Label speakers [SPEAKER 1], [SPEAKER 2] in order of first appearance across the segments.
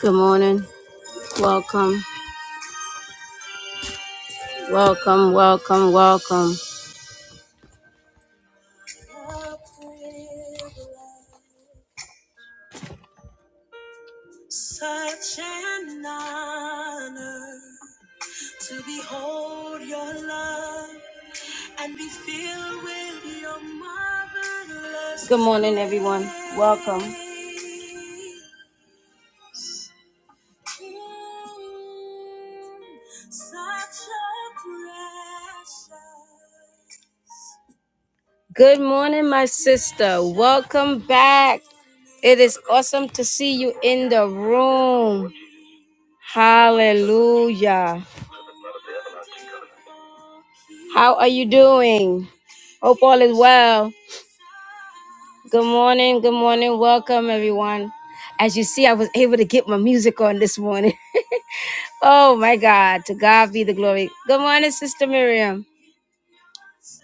[SPEAKER 1] Good morning. Welcome, welcome, welcome, welcome. Such an honor to behold your love and be filled with your marvelous. Good morning, everyone. Welcome. Such a precious Good morning, my sister. Welcome back. It is awesome to see you in the room. Hallelujah. How are you doing? Hope all is well. Good morning. Good morning. Welcome, everyone. As you see, I was able to get my music on this morning. oh my God. To God be the glory. Good morning, Sister Miriam.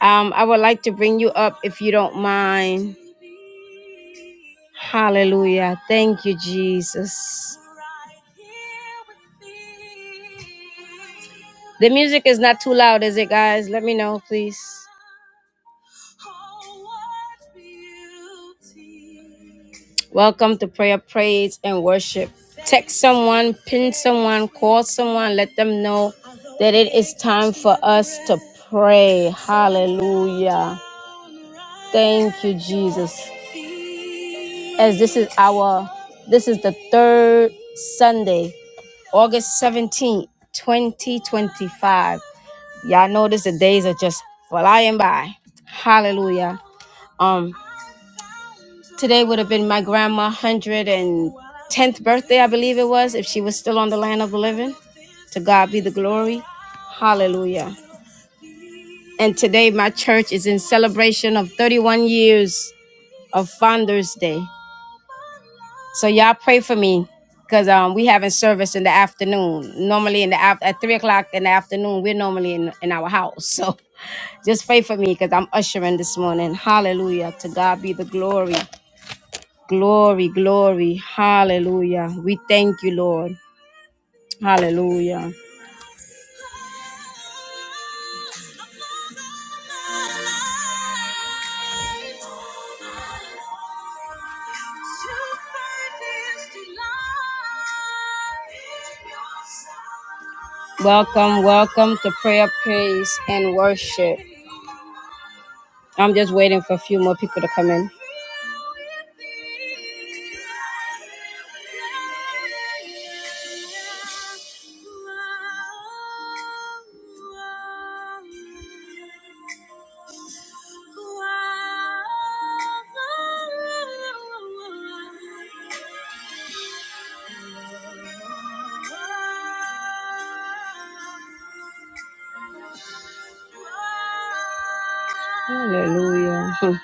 [SPEAKER 1] Um, I would like to bring you up if you don't mind. Hallelujah. Thank you, Jesus. The music is not too loud, is it, guys? Let me know, please. Welcome to prayer, praise, and worship. Text someone, pin someone, call someone, let them know that it is time for us to pray. Hallelujah. Thank you, Jesus as this is our this is the third Sunday, August 17th, 2025. Y'all notice the days are just flying by. Hallelujah. Um today would have been my grandma 110th birthday, I believe it was, if she was still on the land of the living. To God be the glory. Hallelujah. And today my church is in celebration of 31 years of Founder's Day. So y'all pray for me because um we having service in the afternoon. Normally in the af- at three o'clock in the afternoon, we're normally in, in our house. So just pray for me because I'm ushering this morning. Hallelujah. To God be the glory. Glory, glory. Hallelujah. We thank you, Lord. Hallelujah. Welcome, welcome to prayer, praise, and worship. I'm just waiting for a few more people to come in. Hallelujah. Hmm.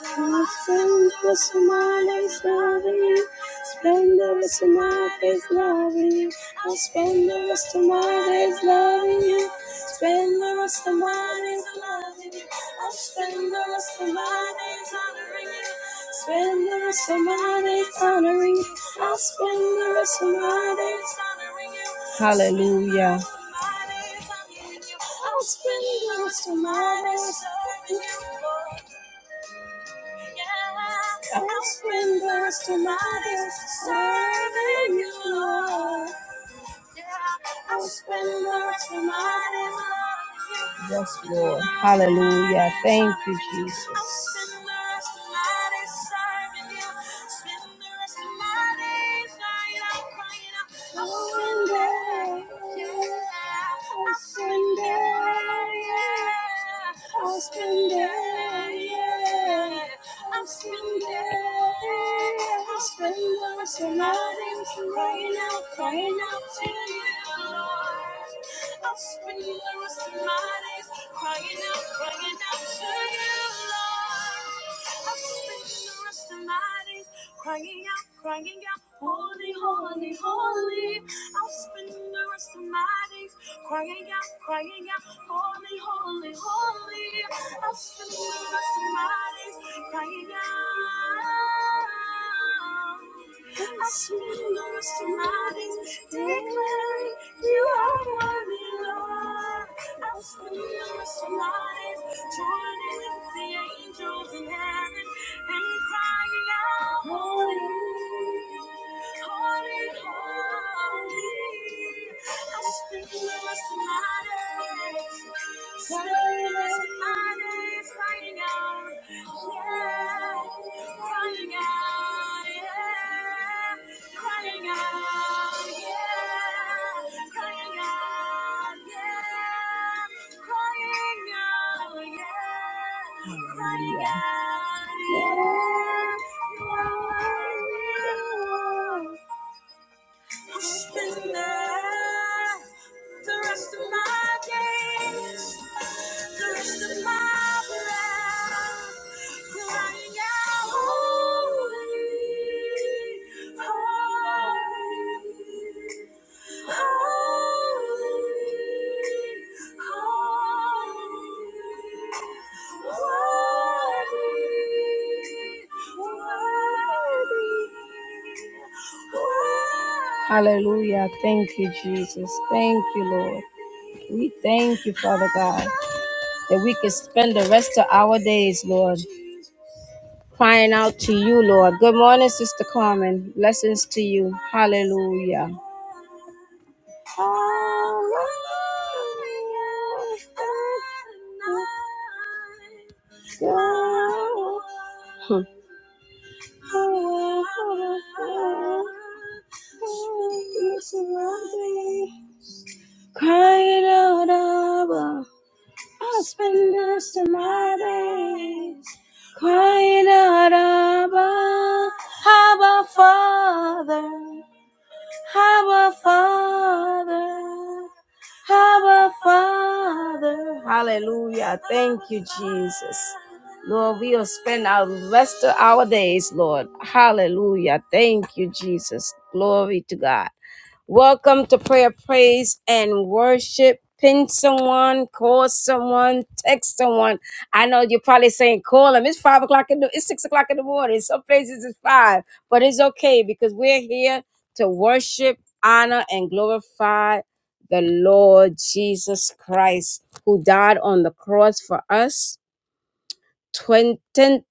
[SPEAKER 1] The splendor is my place, loving you. Splendor is my place, loving you. The splendor is my place, loving you. Splendor is my place, loving you. The splendor is my place, honoring you. Splendor is my place, honoring you. The splendor is my place, honoring you. Hallelujah. I'll spend the rest of my days loving you. I'll spend the rest of my days serving you, Lord. I'll spend the rest of my days Yes, Lord. Hallelujah. Thank you, Jesus. I'll spend it, yeah. I'll spend it, yeah. I'll spend it, yeah. I'll spend it. So my dreams crying out, crying out to you, Lord. I'll spend the rest of my days crying out, crying out to you, Lord. I'll spend the rest of my days crying out, crying out, holy, holy, holy. I'll spend the rest of my days crying out, crying out, holy, holy, holy. I'll spend the rest of my days crying out. I swear to my lips, declaring you are worthy, Lord. I swear to my lips, joining with the angels in heaven and crying out, holy. Crying out, yeah. crying out, yeah. Hallelujah. I'll spend the rest of my days, the rest of my life, crying out, holy, holy. Hallelujah. Thank you, Jesus. Thank you, Lord. We thank you, Father God, that we can spend the rest of our days, Lord, crying out to you, Lord. Good morning, Sister Carmen. Blessings to you. Hallelujah. Hmm. Crying out over, I'll spend the rest of my days crying out, Abba, Abba, Father. Our Father, our Father. Hallelujah. Thank you, Jesus. Lord, we will spend our rest of our days, Lord. Hallelujah. Thank you, Jesus. Glory to God. Welcome to prayer, praise, and worship. Pin someone, call someone, text someone. I know you're probably saying, call them. It's five o'clock in the it's six o'clock in the morning. Some places it's five, but it's okay because we're here to worship, honor, and glorify the Lord Jesus Christ, who died on the cross for us 20,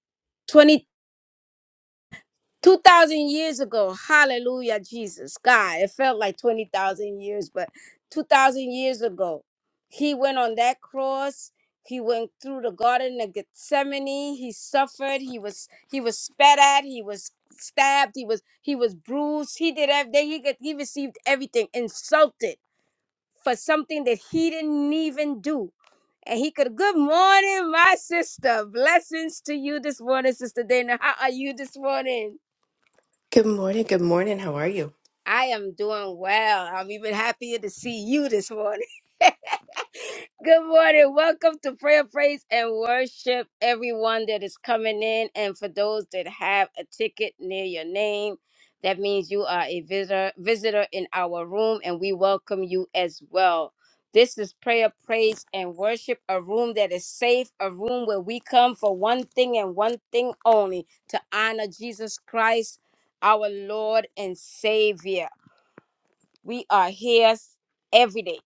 [SPEAKER 1] 2,000 years ago, hallelujah, Jesus, God, it felt like 20,000 years, but 2,000 years ago, he went on that cross. He went through the garden of Gethsemane. He suffered. He was he was spat at. He was stabbed. He was he was bruised. He did everything. He got, he received everything. Insulted for something that he didn't even do. And he could. Good morning, my sister. Blessings to you this morning, sister Dana. How are you this morning?
[SPEAKER 2] Good morning. Good morning. How are you?
[SPEAKER 1] I am doing well. I'm even happier to see you this morning. Good morning. Welcome to Prayer, Praise, and Worship, everyone that is coming in. And for those that have a ticket near your name, that means you are a visitor, visitor in our room, and we welcome you as well. This is Prayer, Praise, and Worship, a room that is safe, a room where we come for one thing and one thing only to honor Jesus Christ, our Lord and Savior. We are here every day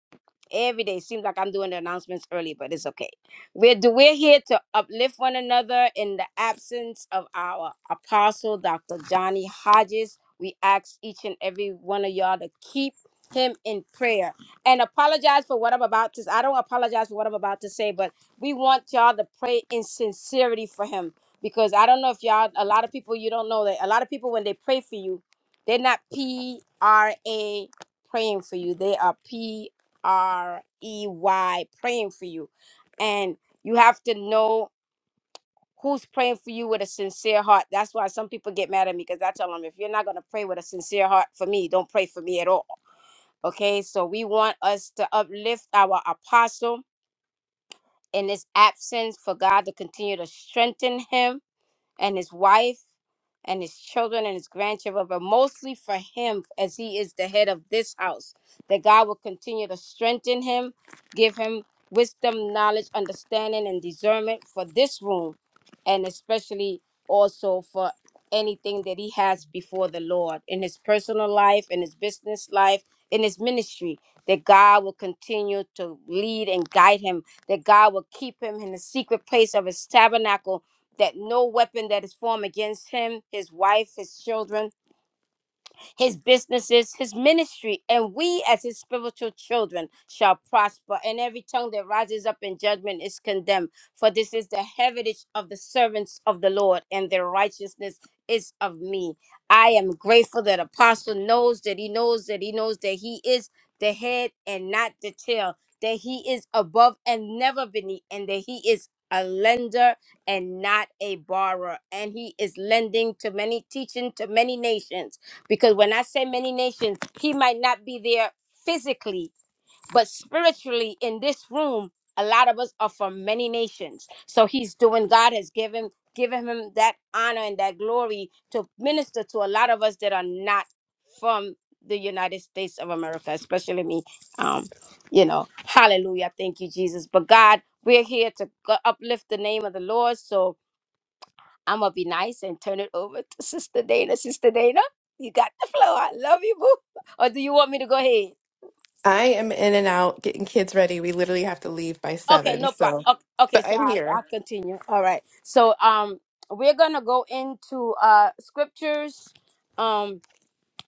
[SPEAKER 1] every day. Seems like I'm doing the announcements early, but it's okay. We're do- we're here to uplift one another in the absence of our apostle, Dr. Johnny Hodges. We ask each and every one of y'all to keep him in prayer and apologize for what I'm about to. I don't apologize for what I'm about to say, but we want y'all to pray in sincerity for him because I don't know if y'all. A lot of people you don't know that a lot of people when they pray for you, they're not P R A praying for you. They are P R E Y, praying for you. And you have to know who's praying for you with a sincere heart. That's why some people get mad at me because I tell them if you're not going to pray with a sincere heart for me, don't pray for me at all. Okay, so we want us to uplift our apostle in his absence for God to continue to strengthen him and his wife and his children and his grandchildren, but mostly for him as he is the head of this house. That God will continue to strengthen him, give him wisdom, knowledge, understanding, and discernment for this room, and especially also for anything that he has before the Lord in his personal life, in his business life, in his ministry. That God will continue to lead and guide him, that God will keep him in the secret place of his tabernacle that no weapon that is formed against him, his wife, his children, his businesses, his ministry, and we as his spiritual children shall prosper. And every tongue that rises up in judgment is condemned. For this is the heritage of the servants of the Lord, and their righteousness is of me. I am grateful that Apostle knows that he knows that he knows that he is the head and not the tail, that he is above and never beneath, and that he is a lender and not a borrower. And he is lending to many, teaching to many nations because when I say many nations, he might not be there physically, but spiritually in this room, a lot of us are from many nations. So he's doing, God has given given him that honor and that glory to minister to a lot of us that are not from the United States of America, especially me. Um, you know, hallelujah. Thank you, Jesus. But God, we're here to go- uplift the name of the Lord. So I'm gonna be nice and turn it over to Sister Dana. Sister Dana, you got the flow. I love you, boo. Or do you want me to go ahead?
[SPEAKER 2] I am in and out getting kids ready. We literally have to leave by
[SPEAKER 1] Okay,
[SPEAKER 2] seven.
[SPEAKER 1] no problem.
[SPEAKER 2] So,
[SPEAKER 1] Okay, okay,
[SPEAKER 2] but
[SPEAKER 1] so
[SPEAKER 2] I'm
[SPEAKER 1] I'll,
[SPEAKER 2] here.
[SPEAKER 1] I'll continue. All right. So um, we're gonna go into uh scriptures. Um,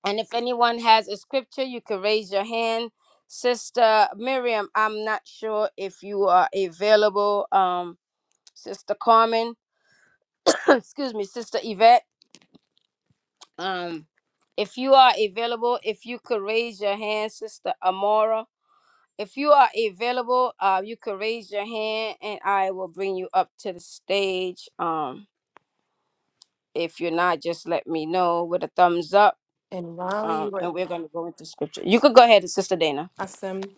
[SPEAKER 1] and if anyone has a scripture, you can raise your hand. Sister Miriam, I'm not sure if you are available. Um, Sister Carmen, excuse me, Sister Yvette. Um, if you are available, if you could raise your hand, Sister Amora. If you are available, uh, you could raise your hand, and I will bring you up to the stage. Um, if you're not, just let me know with a thumbs up.
[SPEAKER 2] And while
[SPEAKER 1] Um,
[SPEAKER 2] you were
[SPEAKER 1] and we're gonna go into scripture. You could go ahead, Sister Dana.
[SPEAKER 2] Awesome.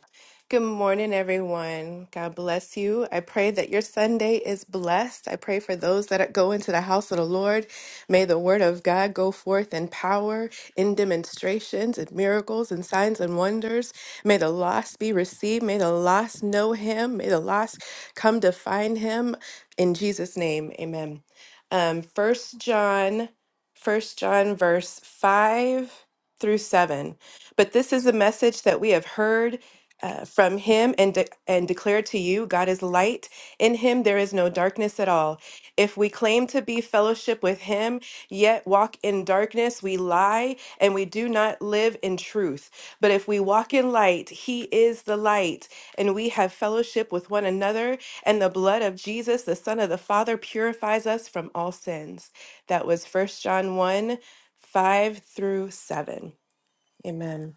[SPEAKER 2] Good morning, everyone. God bless you. I pray that your Sunday is blessed. I pray for those that go into the house of the Lord. May the word of God go forth in power, in demonstrations, and miracles, and signs and wonders. May the lost be received. May the lost know him. May the lost come to find him. In Jesus' name, amen. Um, 1 John, First John, verse 5 through 7. But this is the message that we have heard uh, from him and, de- and declare to you God is light. In him there is no darkness at all. If we claim to be fellowship with him, yet walk in darkness, we lie and we do not live in truth. But if we walk in light, he is the light, and we have fellowship with one another, and the blood of Jesus, the Son of the Father, purifies us from all sins. That was First John 1 5 through 7. Amen.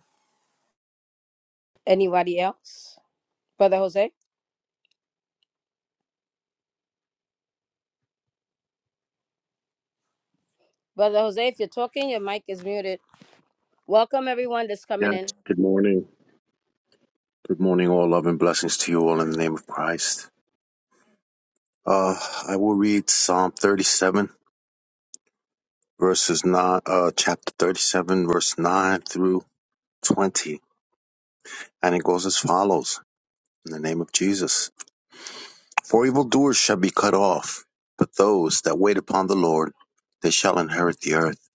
[SPEAKER 1] Anybody else, Brother Jose? Brother Jose, if you're talking, your mic is muted. Welcome everyone that's
[SPEAKER 3] Yes.
[SPEAKER 1] coming in.
[SPEAKER 3] Good morning. Good morning, all. Love and blessings to you all in the name of Christ. Uh, I will read Psalm 37, verses 9, uh, chapter 37, verse 9 through 20. And it goes as follows in the name of Jesus. For evildoers shall be cut off, but those that wait upon the Lord, they shall inherit the earth.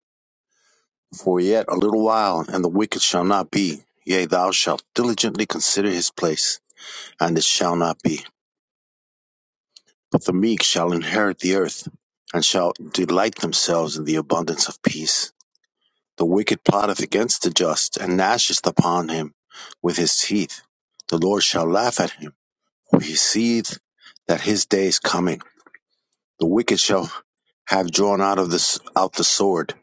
[SPEAKER 3] For yet a little while, and the wicked shall not be. Yea, thou shalt diligently consider his place, and it shall not be. But the meek shall inherit the earth, and shall delight themselves in the abundance of peace. The wicked plotteth against the just, and gnasheth upon him with his teeth. The Lord shall laugh at him, for he seeth that his day is coming. The wicked shall have drawn out of this out the sword,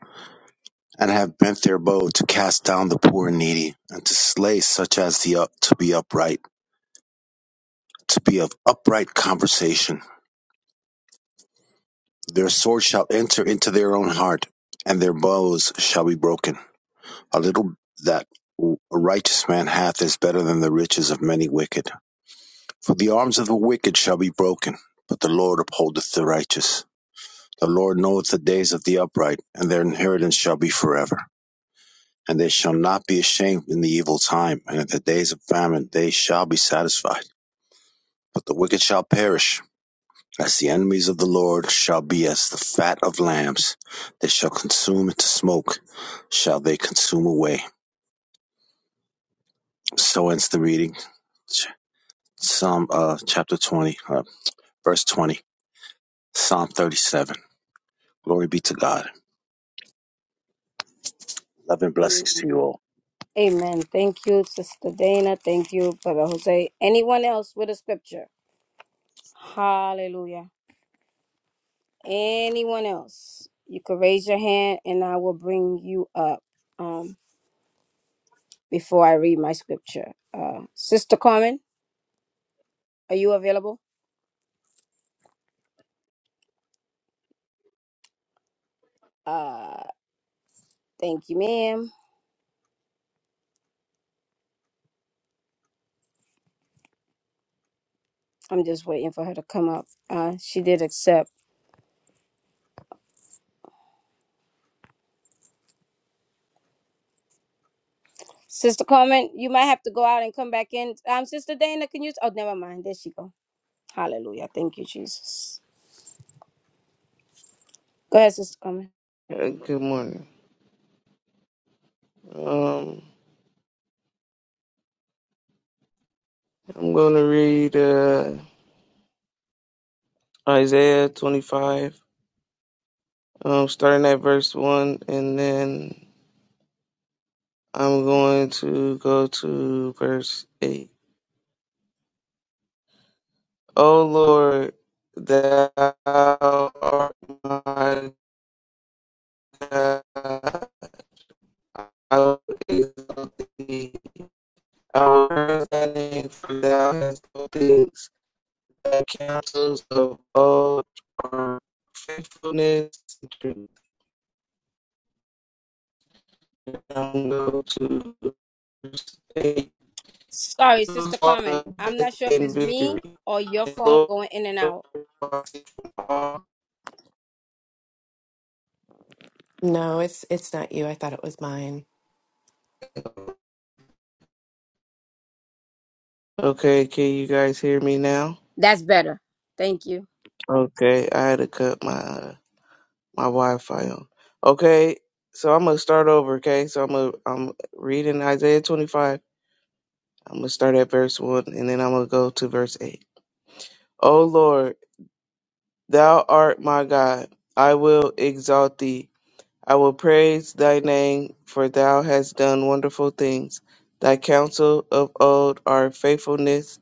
[SPEAKER 3] and have bent their bow to cast down the poor and needy, and to slay such as the up, to be upright, to be of upright conversation Their sword shall enter into their own heart, and their bows shall be broken. A little that a righteous man hath is better than the riches of many wicked. For the arms of the wicked shall be broken, but the Lord upholdeth the righteous. The Lord knoweth the days of the upright, and their inheritance shall be forever. And they shall not be ashamed in the evil time, and in the days of famine they shall be satisfied. But the wicked shall perish As the enemies of the Lord shall be as the fat of lambs, they shall consume into smoke, shall they consume away. So ends the reading. Ch- Psalm uh, chapter 20, uh, verse 20, Psalm 37. Glory be to God. Love and blessings to
[SPEAKER 1] Amen.
[SPEAKER 3] you all.
[SPEAKER 1] Amen. Thank you, Sister Dana. Thank you, Brother Jose. Anyone else with a scripture? Hallelujah. Anyone else? You can raise your hand and I will bring you up um, before I read my scripture. Uh, Sister Carmen, are you available? Uh, thank you, ma'am. I'm just waiting for her to come up. Uh, she did accept. Sister Carmen, you might have to go out and come back in. Um, Sister Dana, can you? Oh, never mind. There she go. Hallelujah. Thank you, Jesus. Go ahead, Sister Carmen.
[SPEAKER 4] Uh, Good morning. Um, I'm going to read uh, Isaiah 25, um, starting at verse 1, and then I'm going to go to verse 8. O Lord, thou art my God, I will exalt thee. I will praise thy name, for thou hast done things. Thy counsels of old are faithfulness and truth. don't go to stay
[SPEAKER 1] Sorry, Sister Carmen. I'm
[SPEAKER 4] death
[SPEAKER 1] not sure if
[SPEAKER 4] and
[SPEAKER 1] it's me
[SPEAKER 4] victory.
[SPEAKER 1] or your phone going in and out.
[SPEAKER 2] No, it's it's not you. I thought it was mine.
[SPEAKER 4] Okay, can you guys hear me now?
[SPEAKER 1] That's better. Thank you.
[SPEAKER 4] Okay, I had to cut my uh, my Wi-Fi on. Okay, so I'm gonna start over. Okay, so I'm gonna I'm reading Isaiah 25. I'm gonna start at verse one, and then I'm gonna go to verse eight. O Lord, Thou art my God. I will exalt Thee I will praise thy name, for thou hast done wonderful things. Thy counsel of old are faithfulness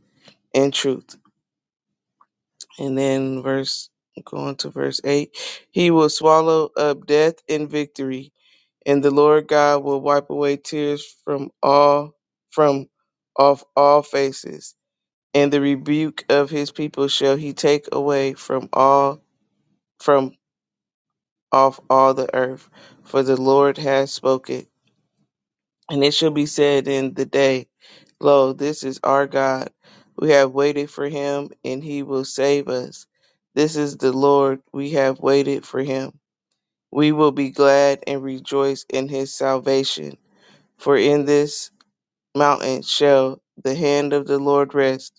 [SPEAKER 4] and truth. And then verse going to verse eight. He will swallow up death in victory, and the Lord God will wipe away tears from all from off all faces. And the rebuke of his people shall he take away from all from off all the earth, for the Lord has spoken And it shall be said in the day, Lo, this is our God. We have waited for him, and he will save us. This is the Lord. We have waited for him. We will be glad and rejoice in his salvation. For in this mountain shall the hand of the Lord rest,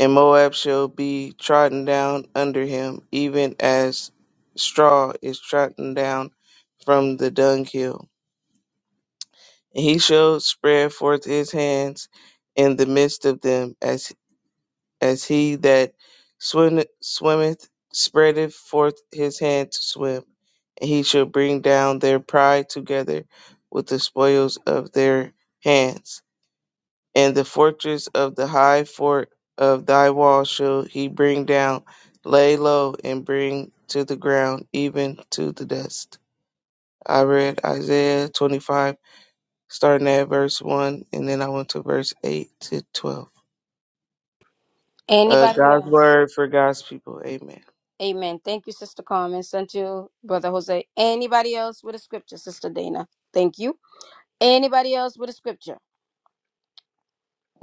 [SPEAKER 4] and Moab shall be trodden down under him, even as straw is trodden down from the dunghill And he shall spread forth his hands in the midst of them, as as he that swim, swimmeth spreadeth forth his hand to swim. And he shall bring down their pride together with the spoils of their hands. And the fortress of the high fort of thy wall shall he bring down, lay low, and bring to the ground, even to the dust. I read Isaiah twenty-five starting at verse 1, and then I went to verse 8 to 12. Uh,
[SPEAKER 1] Anybody
[SPEAKER 4] God's
[SPEAKER 1] else?
[SPEAKER 4] word for God's people. Amen.
[SPEAKER 1] Amen. Thank you, Sister Carmen. Sent you, Brother Jose. Anybody else with a scripture, Sister Dana? Thank you. Anybody else with a scripture?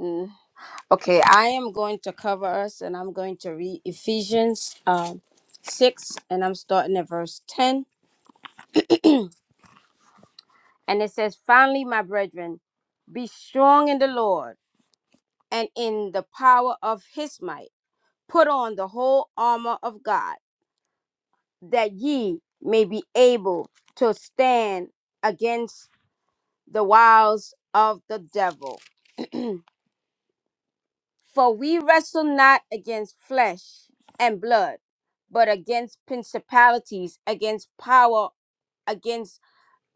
[SPEAKER 1] Mm. Okay, I am going to cover us and I'm going to read Ephesians um, 6 and I'm starting at verse 10. And it says, Finally, my brethren, be strong in the Lord and in the power of his might. Put on the whole armor of God that ye may be able to stand against the wiles of the devil. For we wrestle not against flesh and blood, but against principalities, against power, against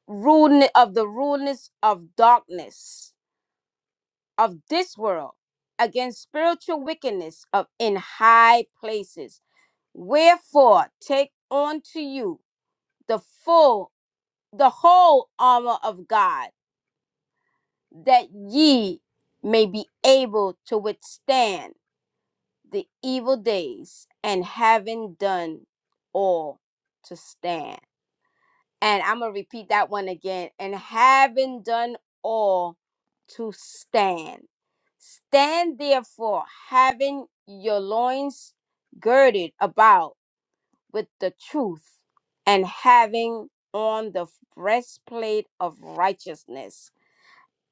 [SPEAKER 1] rudeness of the rudeness of darkness of this world, against spiritual wickedness of in high places. Wherefore take unto you the full the whole armor of God, that ye may be able to withstand the evil days, and having done all to stand. And I'm going to repeat that one again. And having done all to stand. Stand therefore, having your loins girded about with the truth, and having on the breastplate of righteousness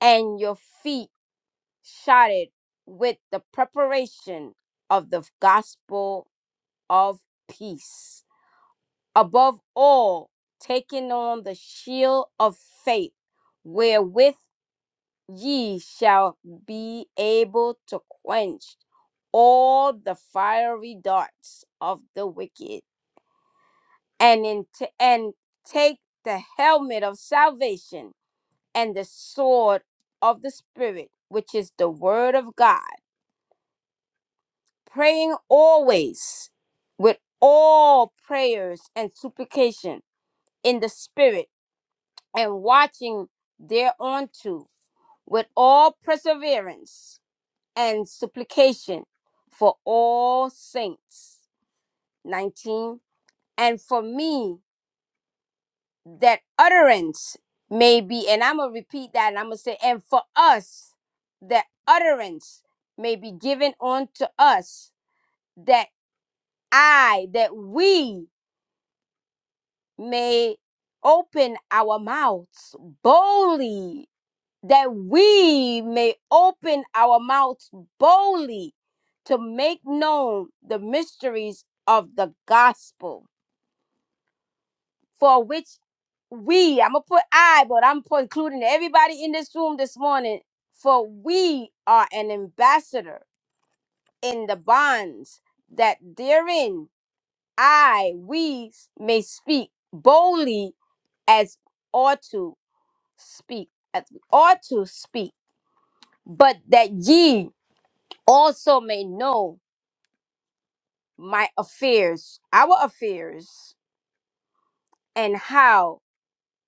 [SPEAKER 1] and your feet shotted with the preparation of the gospel of peace. Above all, taking on the shield of faith, wherewith ye shall be able to quench all the fiery darts of the wicked, and in t- and take the helmet of salvation and the sword of the spirit, which is the word of God praying always with all prayers and supplication in the Spirit, and watching thereunto with all perseverance and supplication for all saints. 19. And for me, that utterance may be, and I'm going to repeat that and I'm going to say, and for us, that utterance may be given unto us, that I, that we may open our mouths boldly, that we may open our mouths boldly to make known the mysteries of the gospel, for which we, I'm gonna put I, but I'm put including everybody in this room this morning, for we are an ambassador in the bonds that therein I, we may speak boldly as ought to speak as we ought to speak, but that ye also may know my affairs, our affairs, and how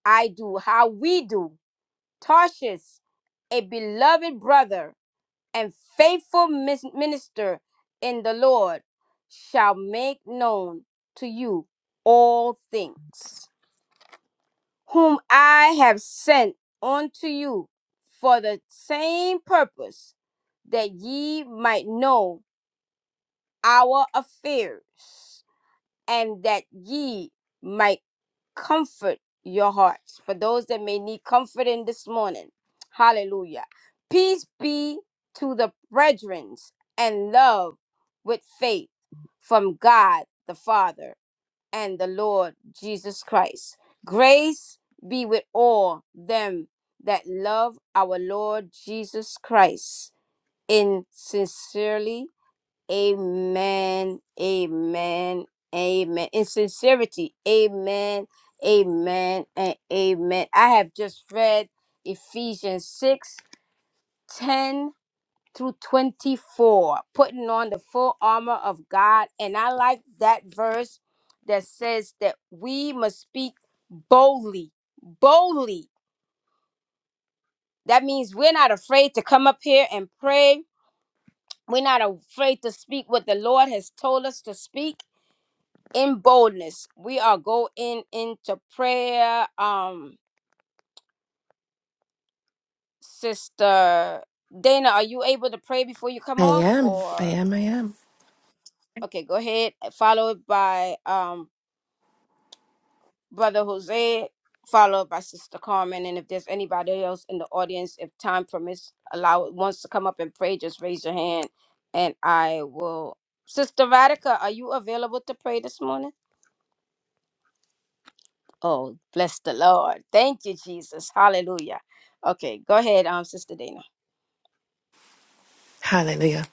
[SPEAKER 1] I do, how we do. Tarshish, a beloved brother and faithful mis- minister in the Lord, shall make known to you all things. whom I have sent unto you for the same purpose, that ye might know our affairs, and that ye might comfort your hearts. For those that may need comforting this morning, hallelujah. Peace be to the brethren and love with faith from God the Father and the Lord Jesus Christ. Grace be with all them that love our Lord Jesus Christ in sincerely. Amen. Amen. Amen. In sincerity. Amen. Amen. And amen. I have just read Ephesians six ten through 24, putting on the full armor of God. And I like that verse that says that we must speak boldly. Boldly. That means we're not afraid to come up here and pray. We're not afraid to speak what the Lord has told us to speak in boldness. We are going into prayer. Um, Sister Dana, are you able to pray before you come
[SPEAKER 2] I
[SPEAKER 1] off?
[SPEAKER 2] am. I
[SPEAKER 1] Or
[SPEAKER 2] am. I am.
[SPEAKER 1] okay, go ahead. Followed by um Brother Jose, followed by Sister Carmen. And if there's anybody else in the audience, if time permits, allow wants to come up and pray, just raise your hand and I will. Sister Radica, are you available to pray this morning? Oh, bless the Lord. Thank you, Jesus. Hallelujah. Okay, go ahead, um, Sister Dana.
[SPEAKER 2] Hallelujah.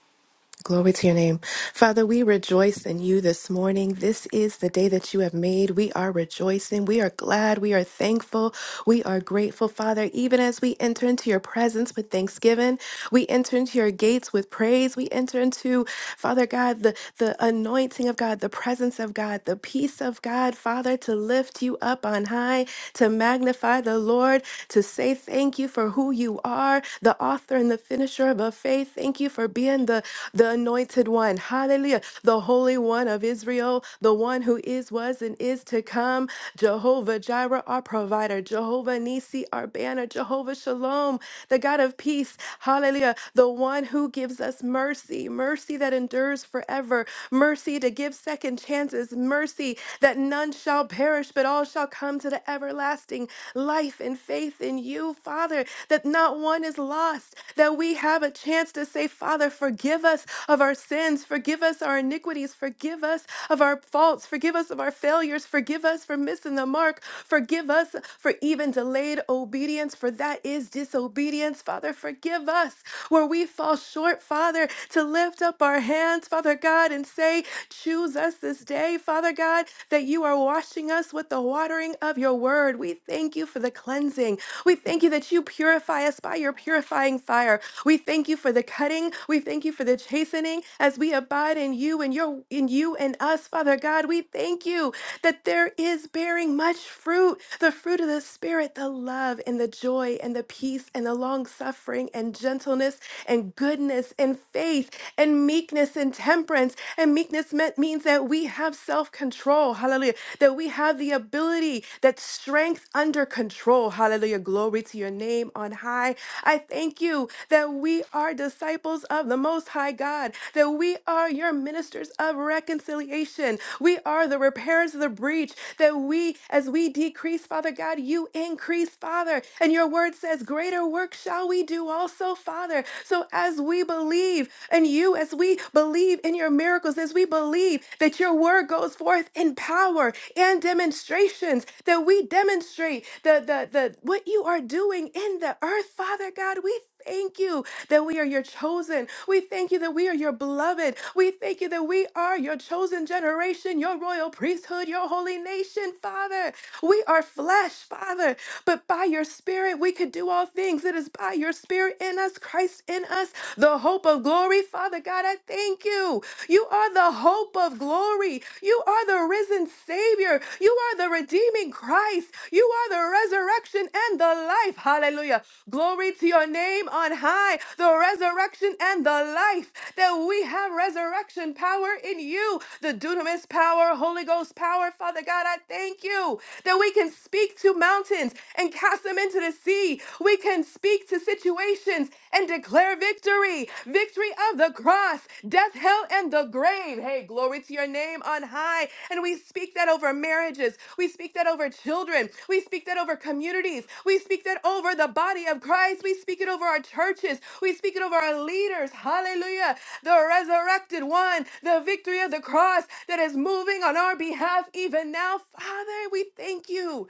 [SPEAKER 2] Glory to your name. Father, we rejoice in you this morning. This is the day that you have made. We are rejoicing. We are glad. We are thankful. We are grateful, Father. Even as we enter into your presence with thanksgiving, we enter into your gates with praise. We enter into, Father God, the, the anointing of God, the presence of God, the peace of God, Father, to lift you up on high, to magnify the Lord, to say thank you for who you are, the author and author and the finisher of our faith. Thank you for being the, the anointed one. Hallelujah. The Holy One of Israel, the one who is, was, and is to come. Jehovah Jireh, our provider. Jehovah Nisi, our banner. Jehovah Shalom, the God of peace. Hallelujah. The one who gives us mercy, mercy that endures forever, mercy to give second chances, mercy that none shall perish, but all shall come to the everlasting life and faith in in you, Father, that not one is lost, that we have a chance to say, Father, forgive us of our sins, forgive us our iniquities, forgive us of our faults, forgive us of our failures, forgive us for missing the mark, forgive us for even delayed obedience, for that is disobedience. Father, forgive us where we fall short, Father, to lift up our hands, Father God, and say, Choose us this day, Father God, that you are washing us with the water hearing of your word. We thank you for the cleansing. We thank you that you purify us by your purifying fire. We thank you for the cutting. We thank you for the chastening as we abide in you and your in you and us, Father God. We thank you that there is bearing much fruit, the fruit of the spirit, the love and the joy and the peace and the long suffering and gentleness and goodness and faith and meekness and temperance. And meekness meant, means that we have self control. Hallelujah. That we have the ability, that strength under control. Hallelujah. Glory to your name on high. I thank you that we are disciples of the Most High God, that we are your ministers of reconciliation. We are the repairers of the breach, that we, as we decrease, Father God, you increase, Father. And your word says, Greater work shall we do also, Father. So as we believe in you, as we believe, believe in your miracles, as we believe that your word goes forth in power and demonstrations, that we demonstrate the, the, the what you are doing in the earth, Father God. We thank you that we are your chosen. We thank you that we are your beloved. We thank you that we are your chosen generation, your royal priesthood, your holy nation, Father. We are flesh, Father, but by your spirit we could do all things. It is by your spirit in us, Christ in in us the hope of glory. Father God, I thank you. You are the hope of glory. You are the risen Savior. You are the redeeming Christ. You are the resurrection and the life. Hallelujah. Glory to your name on high, the resurrection and the life. That we have resurrection power in you, the dunamis power, Holy Ghost power. Father God, I thank you that we can speak to mountains and cast them into the sea authority. We can speak to situations and declare victory victory of the cross, death, hell, and the grave. Hey, glory to your name on high. And we speak that over marriages. We speak that over children. We speak that over communities. We speak that over the body of Christ. We speak it over our churches. We speak it over our leaders. Hallelujah. The resurrected one, the victory of the cross that is moving on our behalf even now. Father, we thank you.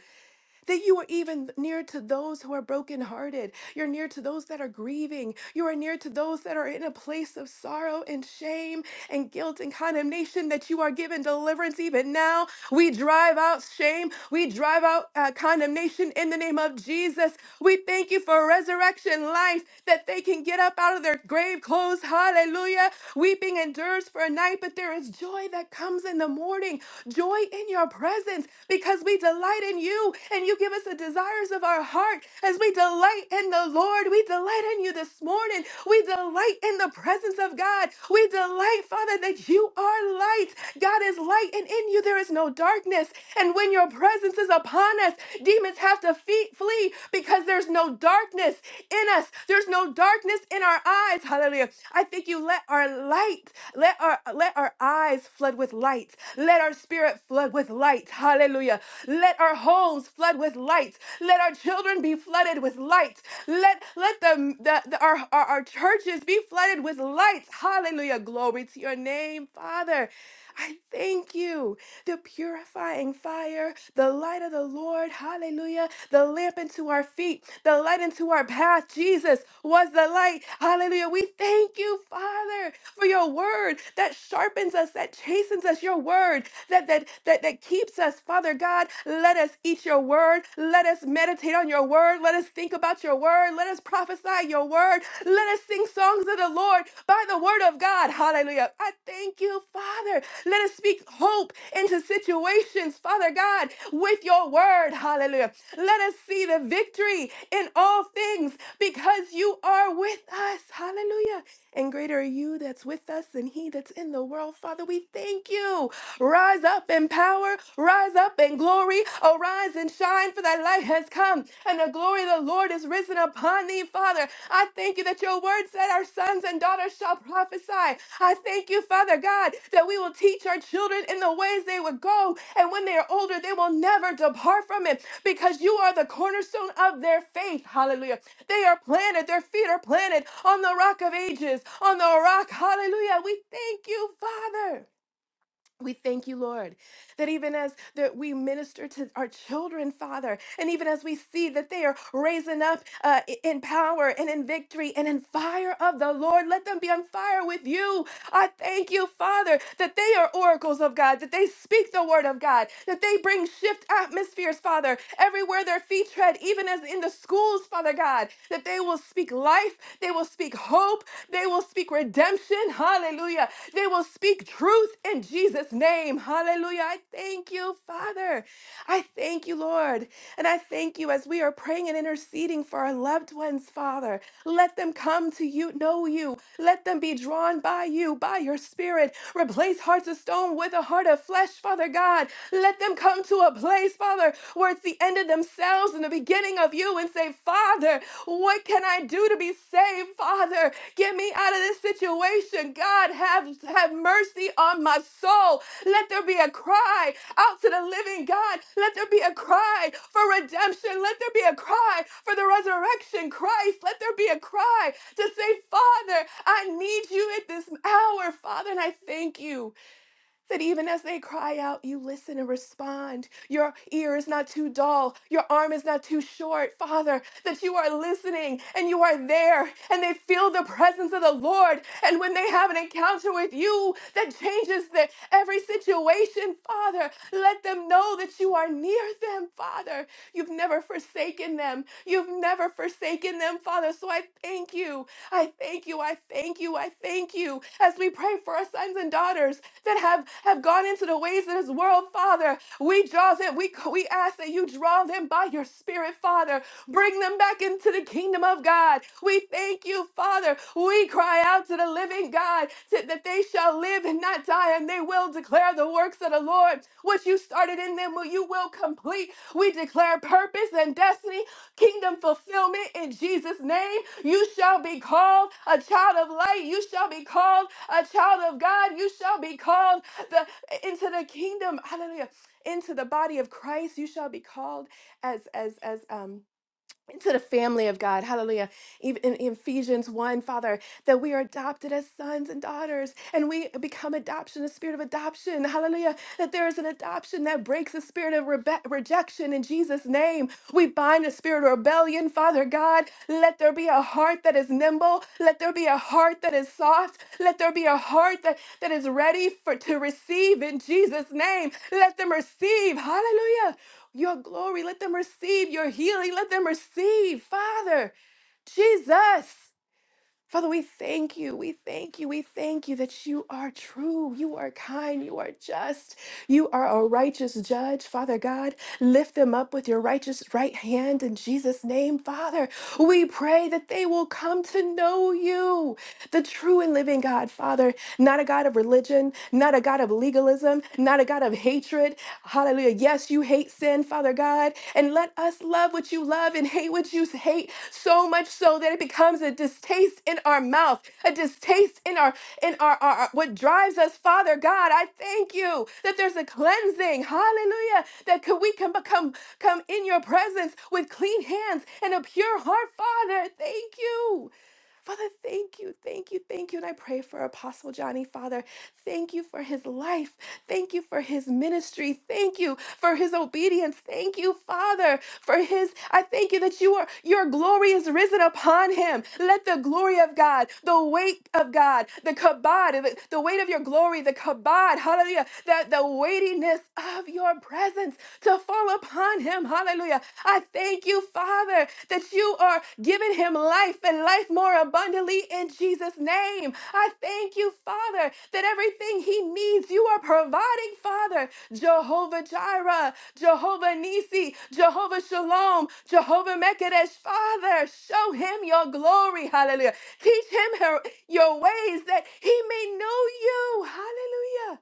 [SPEAKER 2] That you are even near to those who are brokenhearted. You're near to those that are grieving. You are near to those that are in a place of sorrow and shame and guilt and condemnation, that you are given deliverance even now. We drive out shame. We drive out uh, condemnation in the name of Jesus. We thank you for resurrection life, that they can get up out of their grave clothes. Hallelujah. Weeping endures endures for a night, but there is joy that comes in the morning, joy in your presence, because we delight in you and you give us the desires of our heart. As we delight in the Lord, we delight in you this morning. We delight in the presence of God. We delight, Father, that you are light. God is light, and in you there is no darkness. And when your presence is upon us, demons have to fe- flee because there's no darkness in us. There's no darkness in our eyes. Hallelujah. I think you let our light, let our let our eyes flood with light. Let our spirit flood with light. Hallelujah. Let our homes flood with light. Let our children be flooded with light. Let let the, the, the our, our our churches be flooded with light. Hallelujah. Glory to your name, Father. I thank you. The purifying fire, the light of the Lord, hallelujah, the lamp into our feet, the light into our path. Jesus was the light, hallelujah. We thank you, Father, for your word that sharpens us, that chastens us, your word that that that that keeps us, Father God. Let us eat your word. Let us meditate on your word. Let us think about your word. Let us prophesy your word. Let us sing songs of the Lord by the word of God. Hallelujah. I thank you, Father. Let us speak hope into situations, Father God, with your word. Hallelujah. Let us see the victory in all things because you are with us. Hallelujah. And greater are you that's with us than he that's in the world. Father, we thank you. Rise up in power, rise up in glory, arise and shine shine, for thy light has come, and the glory of the Lord is risen upon thee, Father. I thank you that your word said our sons and daughters shall prophesy. I thank you, Father God, that we will teach our children in the ways they would go, and when they are older, they will never depart from it, because you are the cornerstone of their faith. Hallelujah. They are planted, their feet are planted on the rock of ages, on the rock. Hallelujah. We thank you, Father. We thank you, Lord, that even as that we minister to our children, Father, and even as we see that they are raising up uh, i- in power and in victory and in fire of the Lord, let them be on fire with you. I thank you, Father, that they are oracles of God, that they speak the word of God, that they bring shift atmospheres, Father, everywhere their feet tread, even as in the schools, Father God, that they will speak life, they will speak speak hope. They will speak redemption. Hallelujah. They will speak truth in Jesus' name. Hallelujah. I thank you, Father. I thank you, Lord. And I thank you as we are praying and interceding for our loved ones, Father. Let them come to you, know you. Let them be drawn by you, by your spirit. Replace hearts of stone with a heart of flesh, Father God. Let them come to a place, Father, where it's the end themselves in the beginning of you and say, Father, what can I do to be saved? Father, get me out of this situation. God, have, have mercy on my soul. Let there be a cry out to the living God. Let there be a cry for redemption. Let there be a cry for the resurrection, Christ. Let there be a cry to say, Father, I need you at this hour, Father, and I thank you. That even as they cry out, you listen and respond. Your ear is not too dull. Your arm is not too short, Father. That you are listening and you are there and they feel the presence of the Lord. And when they have an encounter with you that changes the, every situation, Father, let them know that you are near them, Father. You've never forsaken them. You've never forsaken them, Father. So I thank you. I thank you thank you. I thank you. I thank you. As we pray for our sons and daughters that have, have gone into the ways of this world, Father, we draw them. We, we ask that you draw them by your spirit, Father. Bring them back into the kingdom of God. We thank you, Father. We cry out to the living God that that they shall live and not die, and they will declare the works of the Lord. What you started in them, will you will complete. We declare purpose and destiny kingdom fulfillment in Jesus' name. You shall be called a child of light. You shall be called a child of God. You shall be called the, into the kingdom. Hallelujah. Into the body of Christ. You shall be called as as as um into the family of God. Hallelujah. Even in in Ephesians 1, Father, that we are adopted as sons and daughters and we become adoption, the spirit of adoption. Hallelujah. That there is an adoption that breaks the spirit of rebe- rejection in Jesus' name. We bind the spirit of rebellion, Father God. Let there be a heart that is nimble. Let there be a heart that is soft. Let there be a heart that, that is ready for to receive in Jesus' name. Let them receive. Hallelujah your glory. Let them receive your healing. Let them receive, Father, Jesus. Father, we thank you. We thank you. We thank you that you are true. You are kind. You are just. You are a righteous judge. Father God, lift them up with your righteous right hand in Jesus' name. Father, we pray that they will come to know you, the true and living God. Father, not a God of religion, not a God of legalism, not a God of hatred. Hallelujah. Yes, you hate sin, Father God, and let us love what you love and hate what you hate so much so that it becomes a distaste in our mouth, a distaste in our in our, our our- what drives us, Father God. I thank you that there's a cleansing. Hallelujah. That could we can become come in your presence with clean hands and a pure heart, Father. Thank you. Father, thank you, thank you, thank you. And I pray for Apostle Johnny, Father. Thank you for his life. Thank you for his ministry. Thank you for his obedience. Thank you, Father, for his. I thank you that you are your glory is risen upon him. Let the glory of God, the weight of God, the kabod, the, the weight of your glory, the kabod, hallelujah, that the weightiness of your presence to fall upon him. Hallelujah. Hallelujah. I thank you, Father, that you are giving him life and life more abundantly in Jesus' name. I thank you, Father, that everything he needs, you are providing, Father. Jehovah Jireh, Jehovah Nisi, Jehovah Shalom, Jehovah Mekadesh, Father, show him your glory. Hallelujah. Teach him her- your ways that he may know you. Hallelujah.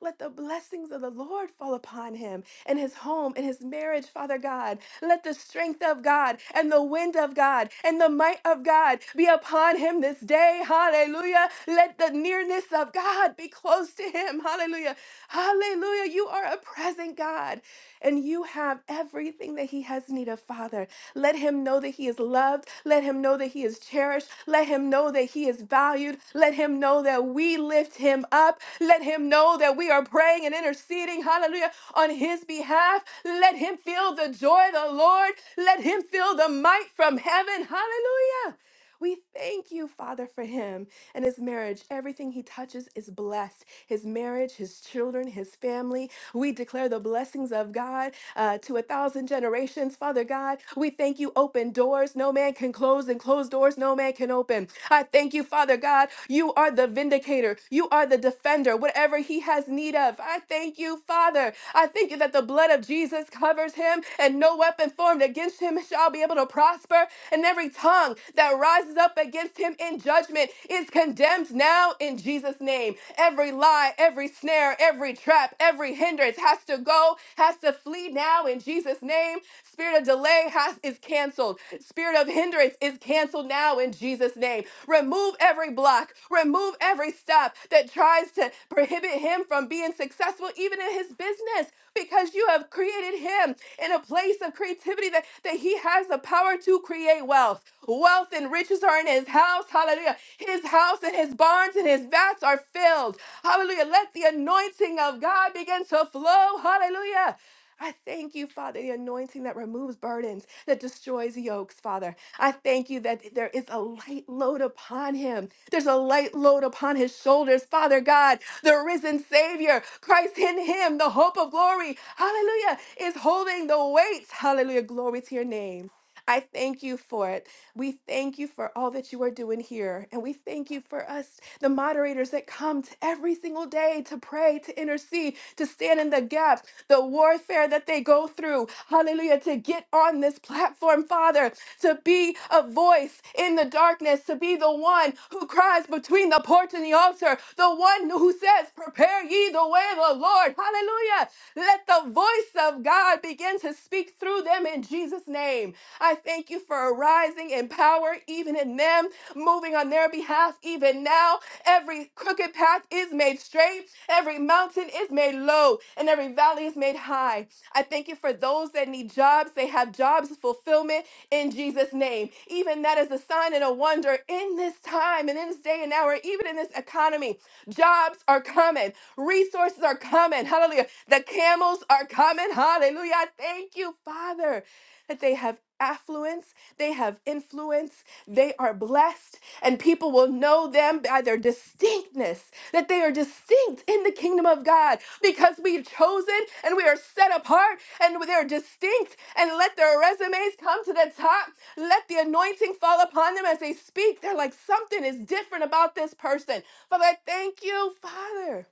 [SPEAKER 2] Let the blessings of the Lord fall upon him and his home and his marriage, Father God. Let the strength of God and the wind of God and the might of God be upon him this day. Hallelujah. Let the nearness of God be close to him. Hallelujah. Hallelujah. You are a present God and you have everything that he has need of, Father. Let him know that he is loved. Let him know that he is cherished. Let him know that he is valued. Let him know that we lift him up. Let him know that we are praying and interceding, hallelujah, on his behalf. Let him feel the joy of the Lord. Let him feel the might from heaven, hallelujah. We thank you, Father, for him and his marriage. Everything he touches is blessed his marriage, his children, his family. We declare the blessings of God uh, to a thousand generations, Father God. We thank you, open doors no man can close, and closed doors no man can open. I thank you, Father God. You are the vindicator, you are the defender, whatever he has need of. I thank you, Father. I thank you that the blood of Jesus covers him and no weapon formed against against him shall be able to prosper, and every tongue that rises up against him in judgment is condemned now in Jesus' name. Every lie, every snare, every trap, every hindrance has to go, has to flee now in Jesus' name. Spirit of delay has is canceled. Spirit of hindrance is canceled now in Jesus' name. Remove every block, remove every stop that tries to prohibit him from being successful, even in his business because you have created him in a place of creativity that, that he has the power to create wealth. Wealth and riches are in his house. Hallelujah. His house and his barns and his vats are filled. Hallelujah. Let the anointing of God begin to flow. Hallelujah. I thank you, Father, the anointing that removes burdens, that destroys yokes, Father. I thank you that there is a light load upon him. There's a light load upon his shoulders, Father God, the risen Savior, Christ in him, the hope of glory. Hallelujah, is holding the weights. Hallelujah, glory to your name. I thank you for it. We thank you for all that you are doing here. And we thank you for us, the moderators that come to every single day to pray, to intercede, to stand in the gap, the warfare that they go through. Hallelujah. To get on this platform, Father, to be a voice in the darkness, to be the one who cries between the porch and the altar, the one who says, Prepare ye the way of the time, oh Lord. Hallelujah. Let the voice of God begin to speak through them in Jesus' name. I thank you for arising in power, even in them, moving on their behalf, even now. Every crooked path is made straight, every mountain is made low, and every valley is made high. I thank you for those that need jobs. They have jobs fulfillment in Jesus' name. Even that is a sign and a wonder wonder in this time and in this day and hour, even in this economy, jobs are coming, resources are coming. Hallelujah. The camels are coming. Hallelujah. I Thank you, Father, that they have affluence, they have influence, they are blessed, and people will know them by their distinctness, that they are distinct in the kingdom of God because we've chosen and we are set apart and they're distinct and let their resumes come to the top let the anointing fall upon them as they speak. They're like, something is different about this person. Father, I thank you, Father.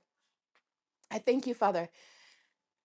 [SPEAKER 2] I thank you, Father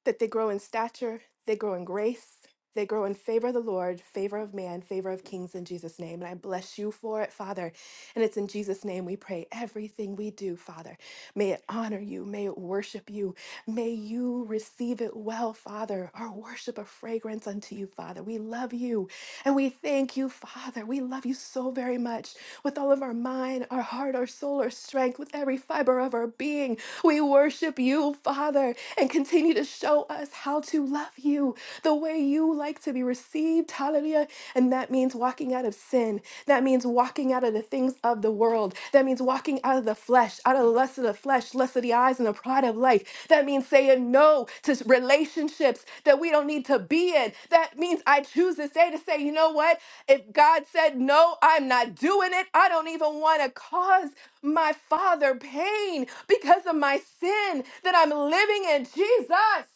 [SPEAKER 2] that they grow in stature, they grow in grace, they grow in favor of the Lord, favor of man, favor of kings in Jesus' name. And I bless you for it, Father. And it's in Jesus' name we pray. Everything we do, Father, may it honor you, may it worship you, may you receive it well, Father. Our worship a fragrance unto you, Father. We love you and we thank you, Father. We love you so very much with all of our mind, our heart, our soul, our strength, with every fiber of our being. We worship you, Father and continue to show us how to love you the way you like to be received. Hallelujah. And that means walking out of sin. That means walking out of the things of the world. That means walking out of the flesh, out of the lust of the flesh, lust of the eyes, and the pride of life. That means saying no to relationships that we don't need to be in. That means I choose this day to say, you know what? if God said, No, I'm not doing it, I don't even want to cause my father pain because of my sin that I'm living in, Jesus.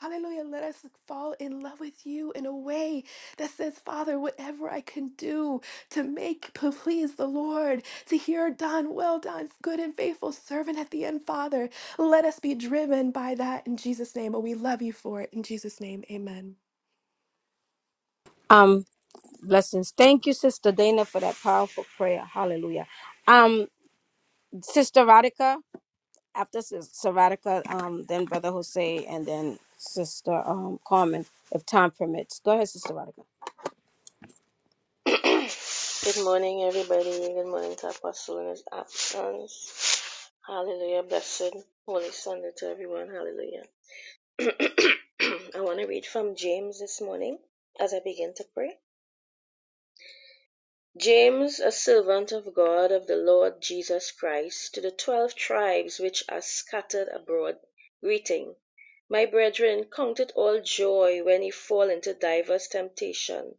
[SPEAKER 2] Hallelujah. Let us fall in love with you in a way that says, Father, whatever I can do to make, to please the Lord, to hear done, well done, good and faithful servant at the end, Father, let us be driven by that in Jesus' name. And we love you for it. In Jesus' name, amen.
[SPEAKER 1] Um, blessings. Thank you, Sister Dana, for that powerful prayer. Hallelujah. Um, Sister Radica, after Sis- Saratica, um, then Brother Jose, and then Sister um, Carmen, if time permits. Go ahead, Sister Radica.
[SPEAKER 5] Good morning, everybody. Good morning to Apostle in his absence. Hallelujah. Blessed Holy Sunday to everyone. Hallelujah. I want to read from James this morning as I begin to pray. James, a servant of God of the Lord Jesus Christ, to the twelve tribes which are scattered abroad, greeting. My brethren, count it all joy when ye fall into divers temptation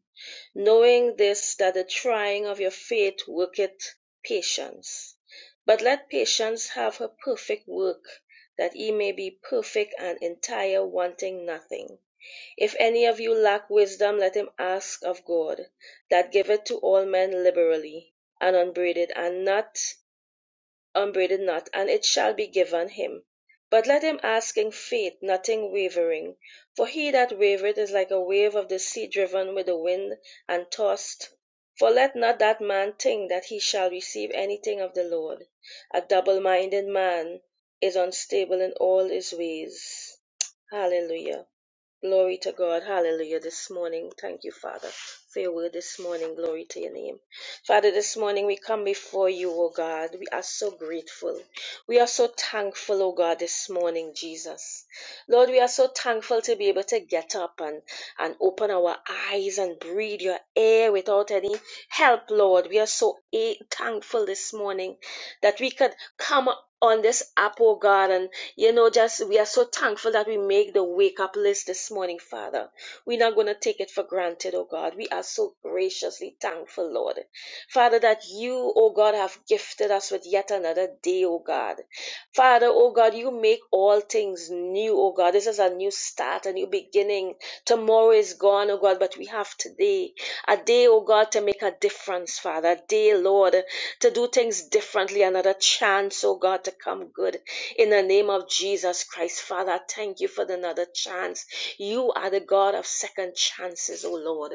[SPEAKER 5] knowing this that the trying of your faith worketh patience. But let patience have her perfect work, that ye may be perfect and entire, wanting nothing. If any of you lack wisdom, let him ask of God, that giveth to all men liberally and unbraided, and not unbraided not, and it shall be given him. But let him ask in faith, nothing wavering. For he that wavereth is like a wave of the sea driven with the wind and tossed. For let not that man think that he shall receive anything of the Lord. A double minded man is unstable in all his ways. Hallelujah. Glory to God. Hallelujah this morning. Thank you, Father, for your will this morning. Glory to your name. Father, this morning we come before you, O God. We are so grateful. We are so thankful, O God, this morning, Jesus. Lord, we are so thankful to be able to get up and, and open our eyes and breathe your air without any help, Lord. We are so eh, thankful this morning that we could come on this app, oh God. And, you know, just we are so thankful that we make the wake up list this morning, Father. We're not going to take it for granted, oh God. We are so graciously thankful, Lord. Father, that you, oh God, have gifted us with yet another day, oh God. Father, oh God, you make all things new, oh God. This is a new start, a new beginning. Tomorrow is gone, oh God, but we have today. A day, oh God, to make a difference, Father. A day, Lord, to do things differently. Another chance, oh God, to come good. In the name of Jesus Christ, Father, I thank you for the another chance. You are the God of second chances, oh Lord.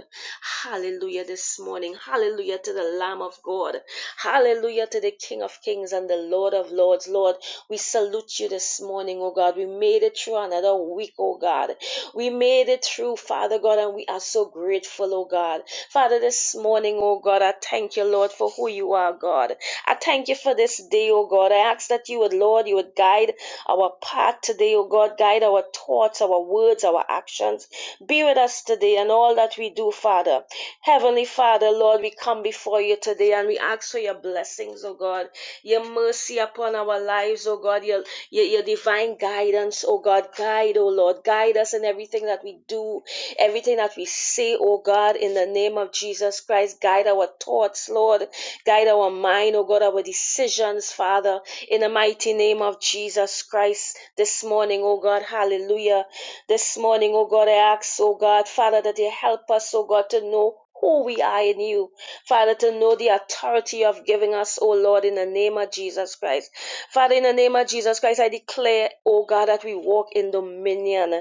[SPEAKER 5] Hallelujah this morning. Hallelujah to the Lamb of God. Hallelujah to the King of Kings and the Lord of Lords. Lord, we salute you this morning, oh God. We made it through another week, oh God. We made it through, Father God, and we are so grateful, oh God. Father, this morning, oh God, I thank you, Lord, for who you are, God. I thank you for this day, oh God. I ask that you would, Lord, you would guide our path today, oh God. Guide our thoughts, our words, our actions. Be with us today and all that we do, Father. Heavenly Father, Lord, we come before you today and we ask for your blessings, oh God, your mercy upon our lives, oh God, your, your, your divine guidance, oh God. Guide, oh Lord, guide us in everything that we do, everything that we say, oh God, in the name of Jesus Christ. Guide our thoughts, Lord, guide our mind, oh God, our decisions, Father, in the mighty name of Jesus Christ this morning, oh God, hallelujah. This morning, oh God, I ask, oh God, Father, that you help us, oh God, to know who we are in you. Father, to know the authority of giving us, O Lord, in the name of Jesus Christ. Father, in the name of Jesus Christ, I declare, O God, that we walk in dominion.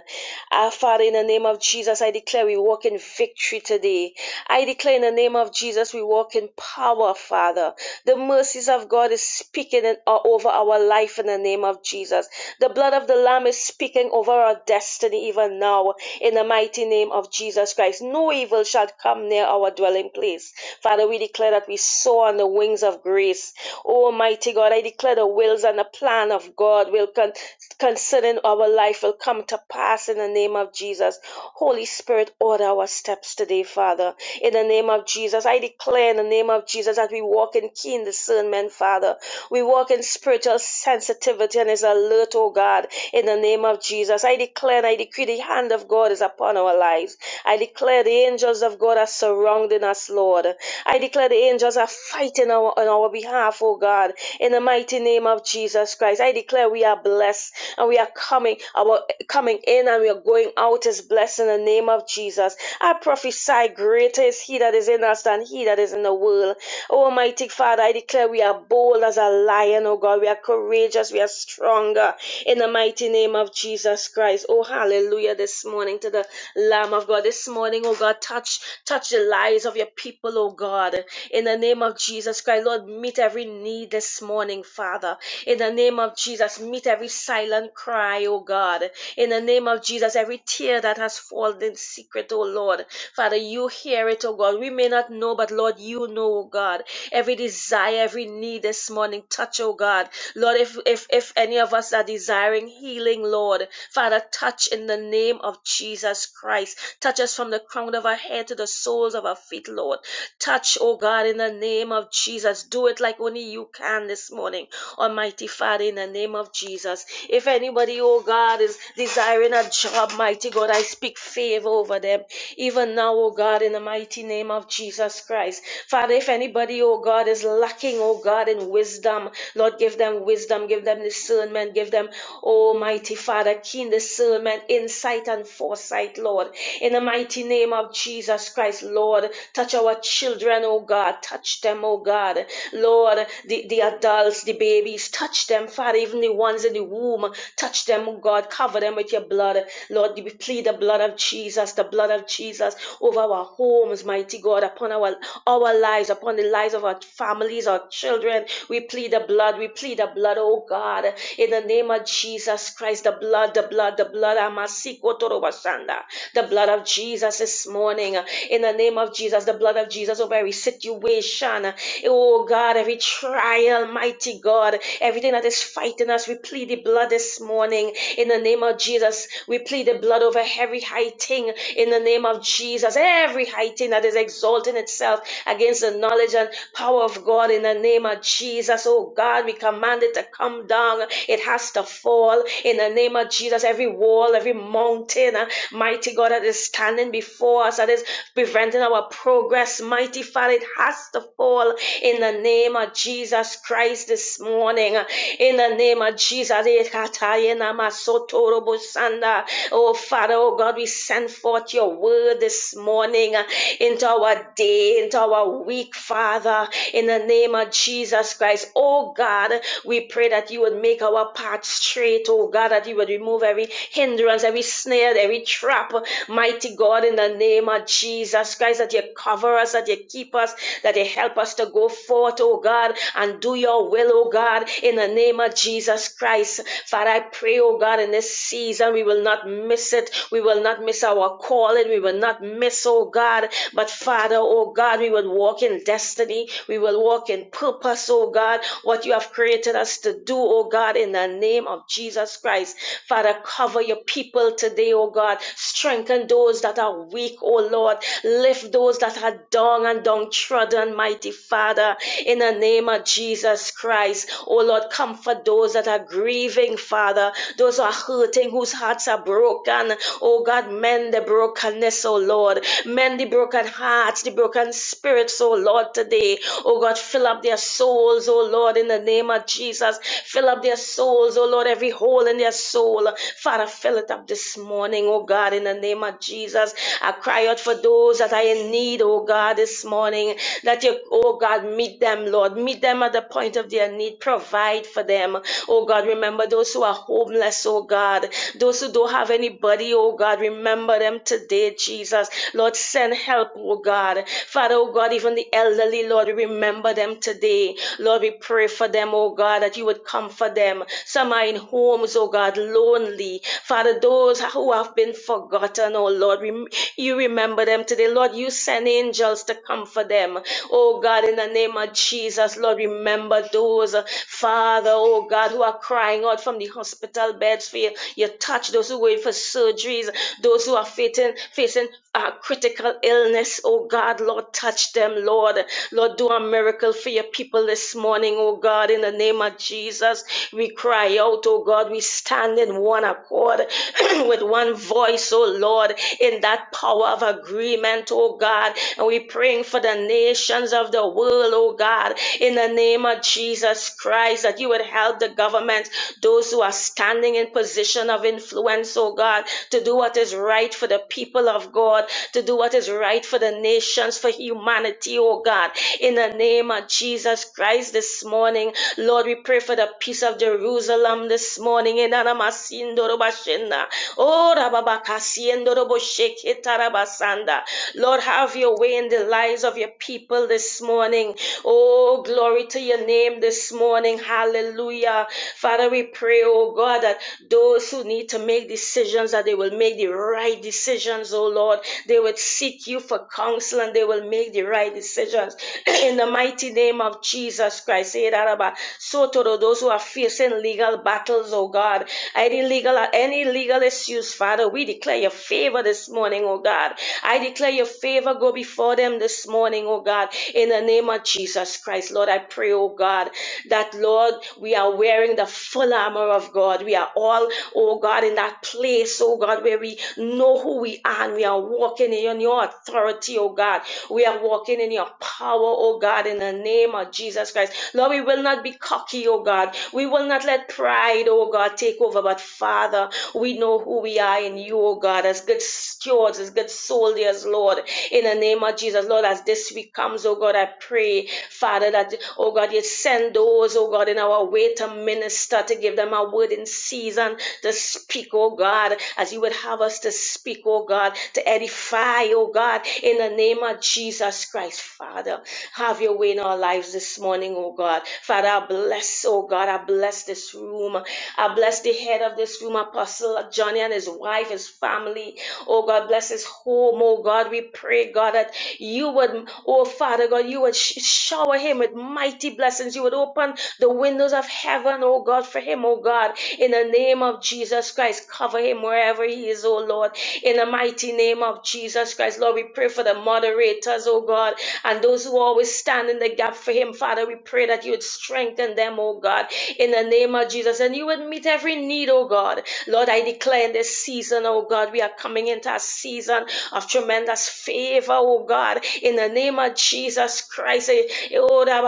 [SPEAKER 5] Ah, Father, in the name of Jesus, I declare we walk in victory today. I declare in the name of Jesus, we walk in power, Father. The mercies of God is speaking in- uh, over our life in the name of Jesus. The blood of the Lamb is speaking over over our destiny even now in the mighty name of Jesus Christ. No evil shall come near our dwelling place. Father, we declare that we soar on the wings of grace. Almighty God, I declare the wills and the plan of God will con- concerning our life will come to pass in the name of Jesus. Holy Spirit, order our steps today, Father. In the name of Jesus, I declare in the name of Jesus that we walk in keen discernment, Father. We walk in spiritual sensitivity and is alert, oh God, in the name of Jesus. I declare and I decree the hand of God is upon our lives. I declare the angels of God are surrounding us, Lord. I declare the angels are fighting our, on our behalf, oh God, in the mighty name of Jesus Christ. I declare we are blessed and we are coming, our coming in and we are going out is blessed in the name of Jesus. I prophesy greater is he that is in us than he that is in the world. Oh, Almighty Father, I declare we are bold as a lion, oh God. We are courageous. We are stronger in the mighty name of Jesus Christ. Oh, hallelujah this morning to the Lamb of God. This morning, oh God, touch, touch the lives of your people, oh God. In the name of Jesus Christ, Lord, meet every need this morning, Father. In the name of Jesus, meet every silent cry, oh God. In the name of Jesus, every tear that has fallen in secret, oh Lord, Father, you hear it, oh God. We may not know, but Lord, you know, oh God. Every desire, every need this morning, touch, oh God. Lord, if if if any of us are desiring healing, Lord, Father, touch in the name of Jesus Christ. Touch us from the crown of our head to the soles of our feet, Lord. Touch, oh God, in the name of Jesus. Do it like only you can this morning. Almighty Father, in the name of Jesus. If anybody, oh God, is desiring a job, mighty God, I speak favor over them. Even now, oh God, in the mighty name of Jesus Christ. Father, if anybody, oh God, is lacking, oh God, in wisdom, Lord, give them wisdom, give them discernment. Give them, Almighty Father, keen discernment, insight, and foresight, Lord. In the mighty name of Jesus Christ, Lord, touch our children, oh God. Touch them, oh God. Lord, the, the adults, the babies, touch them, Father, even the ones in the womb. Touch them, oh God. Cover them with your blood. Lord, we plead the blood of Jesus, the blood of Jesus over our homes, mighty God, upon our our lives, upon the lives of our families, our children. We plead the blood, we plead the blood, oh God, in the name of Jesus Christ, the blood, the blood, the blood, Amasiko Torobasanda, the blood of Jesus this morning, in the name of Jesus, the blood of Jesus over every situation, Oh God, every trial, mighty God, everything that is fighting us, we plead the blood this morning in the name of Jesus. We plead the blood over every high thing in the name of Jesus. Every high thing that is exalting itself against the knowledge and power of God in the name of Jesus. Oh God, we command it to come down. It has to fall in the name of Jesus. Every wall, every mountain, uh, mighty God that is standing before us, that is preventing our progress, mighty Father, it has to fall in the name of Jesus Christ this morning. In the name of Jesus, eh, katayena masotoro bosanda. oh Father, oh God, we send forth your word this morning uh, into our day, into our week, Father, in the name of Jesus Christ. Oh God, we pray that you would make our path straight, oh God, that you would remove every hindrance, every snare, every trap, mighty God, in the name of Jesus Christ, that you cover us, that you keep us, that you help us to go forth, oh God, and do your will, oh God, in the name of Jesus Christ. Father, I pray, oh God, in this season, we will not miss it. We will not miss our calling. We will not miss, oh God. But Father, oh God, we will walk in destiny. We will walk in purpose, oh God, what you have created us to do, oh God, in the name of Jesus Christ. Father, cover your people today, oh God. Strengthen Strengthen those that are weak, oh Lord. Lift those that are down and downtrodden, mighty Father, in the name of Jesus Christ. Oh Lord, comfort those that are grieving, Father. Those who are hurting, whose hearts are broken. Oh God, mend the brokenness, oh Lord. Mend the broken hearts, the broken spirits, oh Lord, today. Oh God, fill up their souls, oh Lord, in the name of Jesus. Fill up their souls, oh Lord, every hole in their soul. Father, fill fill it up this morning, oh God, in the name of Jesus. I cry out for those that are in need, oh God, this morning, that you, oh God, meet them, Lord. Meet them at the point of their need. Provide for them, oh God. Remember those who are homeless, oh God. Those who don't have anybody, oh God, remember them today, Jesus. Lord, send help, oh God. Father, oh God, even the elderly, Lord, remember them today. Lord, we pray for them, oh God, that you would comfort them. Some are in homes homes, oh God, lonely. Father, those who have been forgotten, oh Lord, rem- you remember them today. Lord, you send angels to comfort them. Oh God, in the name of Jesus, Lord, remember those, uh, Father, oh God, who are crying out from the hospital beds for you. You touch those who wait for surgeries, those who are facing, facing uh, critical illness, oh God, Lord, touch them, Lord. Lord, do a miracle for your people this morning, oh God, in the name of Jesus. Jesus. We cry out, oh God, we stand in one accord with one voice, oh Lord, in that power of agreement, oh God. And we praying for the nations of the world, oh God, in the name of Jesus Christ, that you would help the government, those who are standing in position of influence, oh God, to do what is right for the people of God, to do what is right for the nations, for humanity, oh God. In the name of Jesus Christ, rise this morning. Lord, we pray for the peace of Jerusalem this morning. Enanamasindorobashena. Oh, rababakasiendorobosheketarabasanda. Lord, have your way in the lives of your people this morning. Oh, glory to your name this morning. Hallelujah. Father, we pray, oh God, that those who need to make decisions, that they will make the right decisions, oh Lord. They will seek you for counsel and they will make the right decisions. in the mighty name of Jesus Christ. Say that about so to those who are facing legal battles, oh God, any legal any legal issues, Father, we declare your favor this morning, oh God. I declare your favor go before them this morning, oh God, in the name of Jesus Christ. Lord, I pray, oh God, that Lord, we are wearing the full armor of God. We are all, oh God, in that place, oh God, where we know who we are and we are walking in your authority, oh God. We are walking in your power, oh God, in the name of Jesus Christ. Lord, we will not be cocky, oh God. We will not let pride, oh God, take over. But Father, we know who we are in you, oh God, as good stewards, as good soldiers, Lord, in the name of Jesus. Lord, as this week comes, oh God, I pray, Father, that, oh God, you send those, oh God, in our way to minister, to give them a word in season, to speak, oh God, as you would have us to speak, oh God, to edify, oh God, in the name of Jesus Christ, Father. Have your way in our lives this morning, oh God. Father, I bless, oh God, I bless this room. I bless the head of this room, Apostle Johnny and his wife, his family. Oh God, bless his home. Oh God, we pray, God, that you would, oh Father God, you would sh- shower him with mighty blessings. You would open the windows of heaven, oh God, for him, oh God. In the name of Jesus Christ, cover him wherever he is, oh Lord. In the mighty name of Jesus Christ, Lord, we pray for the moderators, oh God, and those who always stand in the gap for him for him, Father. We pray that you would strengthen them, oh God, in the name of Jesus, and you would meet every need, oh God. Lord, I declare in this season, oh God, we are coming into a season of tremendous favor, oh God, in the name of Jesus Christ. eh, eh, oh, da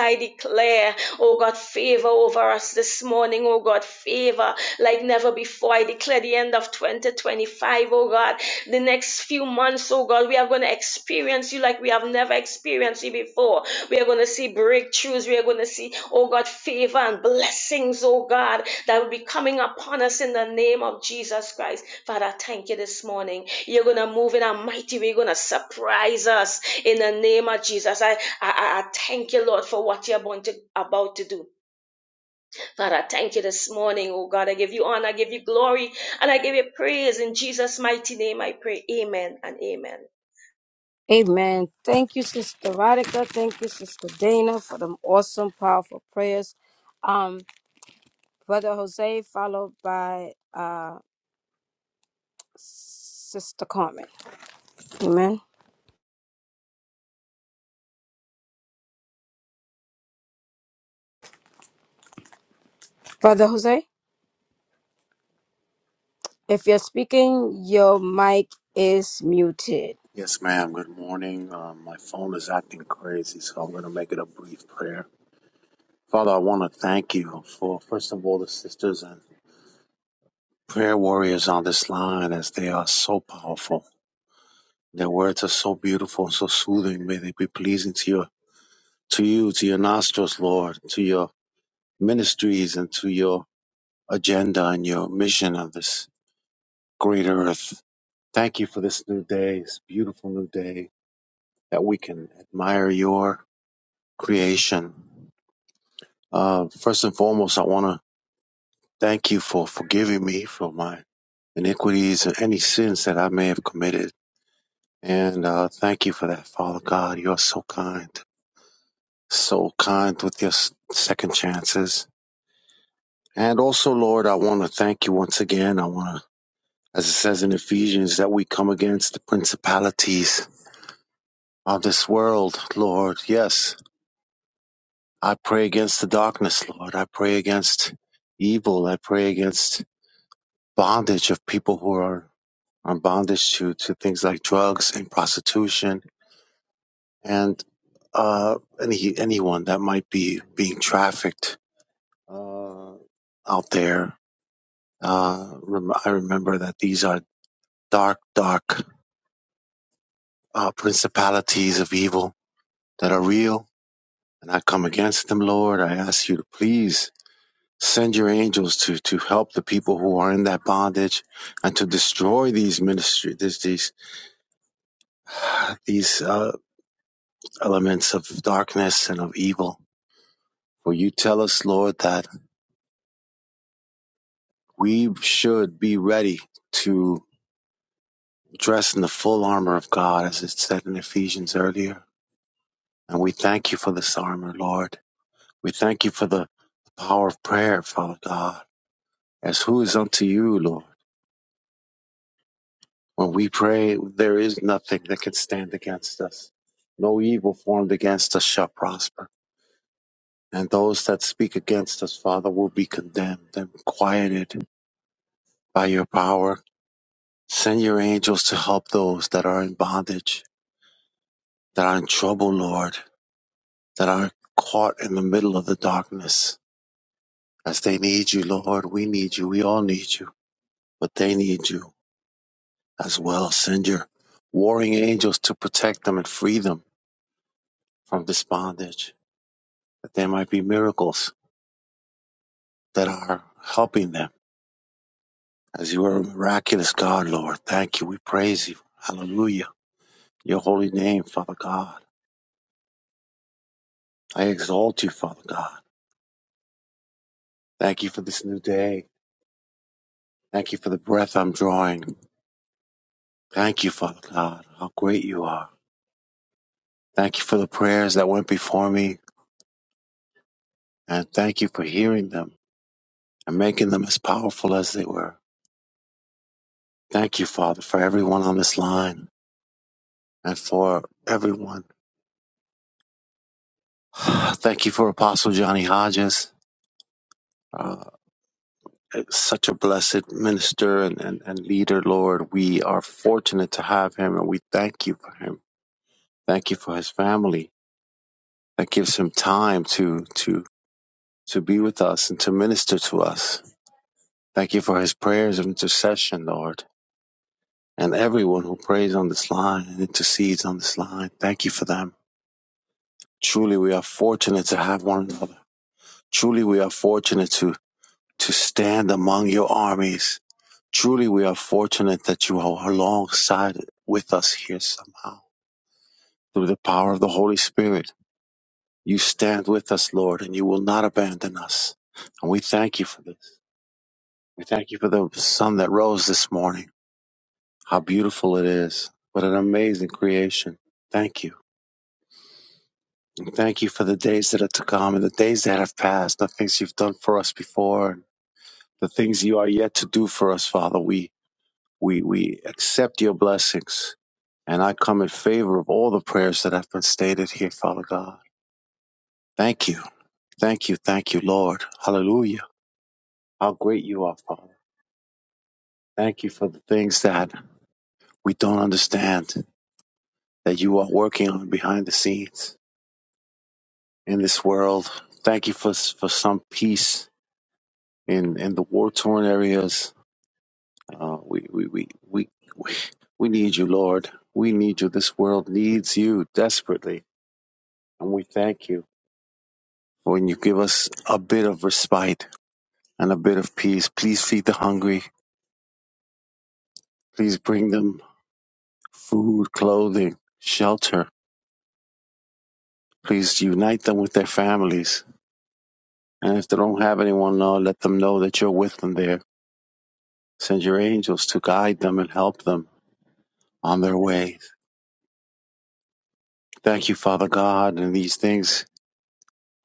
[SPEAKER 5] I declare, oh God, favor over us this morning, oh God, favor like never before before I declare the end of 2025, O God, the next few months, oh God, we are going to experience you like we have never experienced you before. We are going to see breakthroughs. We are going to see, oh God, favor and blessings, oh God, that will be coming upon us in the name of Jesus Christ. Father, thank you this morning. You're going to move in a mighty way. You're going to surprise us in the name of Jesus. I, I, I I thank you, Lord, for what you're about to, about to do. Father, I thank you this morning. Oh God, I give you honor, I give you glory, and I give you praise. In Jesus' mighty name, I pray. Amen and amen.
[SPEAKER 1] Amen. Thank you, Sister Radica. Thank you, Sister Dana, for them awesome, powerful prayers. Um, Brother Jose, followed by uh, Sister Carmen. Amen. Brother Jose, if you're speaking, your mic is muted.
[SPEAKER 3] Yes, ma'am. Good morning. Um, my phone is acting crazy, so I'm going to make it a brief prayer. Father, I want to thank you for, first of all, the sisters and prayer warriors on this line as they are so powerful. Their words are so beautiful and so soothing. May they be pleasing to your to you, to your nostrils, Lord, to your ministries and to your agenda and your mission on this great earth. Thank you for this new day, this beautiful new day that we can admire your creation. Uh, first and foremost, I want to thank you for forgiving me for my iniquities and any sins that I may have committed. And uh, thank you for that, Father God. You are so kind. so kind with your s- second chances. And also, Lord, I want to thank you once again. I want to, as it says in Ephesians, that we come against the principalities of this world, Lord. Yes, I pray against the darkness, Lord. I pray against evil. I pray against bondage of people who are on bondage to, to things like drugs and prostitution and uh, any anyone that might be being trafficked uh, out there Uh, rem- I remember that these are dark, dark uh, principalities of evil that are real, and I come against them, Lord. I ask you to please send your angels to to help the people who are in that bondage and to destroy these ministry these these these uh, elements of darkness and of evil. For you tell us, Lord, that we should be ready to dress in the full armor of God, as it said in Ephesians earlier And we thank you for this armor, Lord. We thank you for the power of prayer, Father God. As who is unto you, Lord? When we pray, there is nothing that can stand against us. No evil formed against us shall prosper. And those that speak against us, Father, will be condemned and quieted by your power. Send your angels to help those that are in bondage, that are in trouble, Lord, that are caught in the middle of the darkness. As they need you, Lord, we need you. We all need you. but they need you as well. Send your warring angels to protect them and free them from this bondage, that there might be miracles that are helping them. As you are a miraculous God, Lord, thank you. We praise you. Hallelujah. Your holy name, Father God. I exalt you, Father God. Thank you for this new day. Thank you for the breath I'm drawing. Thank you, Father God, how great you are. Thank you for the prayers that went before me, and thank you for hearing them and making them as powerful as they were. Thank you, Father, for everyone on this line and for everyone. Thank you for Apostle Johnny Hodges. Uh, such a blessed minister and, and, and leader, Lord. We are fortunate to have him and we thank you for him. Thank you for his family that gives him time to, to, to be with us and to minister to us. Thank you for his prayers of intercession, Lord, and everyone who prays on this line and intercedes on this line. Thank you for them. Truly, we are fortunate to have one another. Truly, we are fortunate to, to stand among your armies. Truly, we are fortunate that you are alongside with us here somehow. Through the power of the Holy Spirit, you stand with us, Lord, and you will not abandon us. And we thank you for this. We thank you for the sun that rose this morning. How beautiful it is. What an amazing creation. Thank you. And thank you for the days that are to come and the days that have passed, the things you've done for us before, and the things you are yet to do for us, Father. We We, we accept your blessings. And I come in favor of all the prayers that have been stated here, Father God. Thank you. Thank you. Thank you, Lord. Hallelujah. How great you are, Father. Thank you for the things that we don't understand that you are working on behind the scenes in this world. Thank you for, for some peace in, in the war torn areas. Uh, we, we, we, we, we, we need you, Lord. We need you. This world needs you desperately. And we thank you. When you give us a bit of respite and a bit of peace, please feed the hungry. Please bring them food, clothing, shelter. Please unite them with their families. And if they don't have anyone, know, let them know that you're with them there. Send your angels to guide them and help them on their way. Thank you, Father God. And these things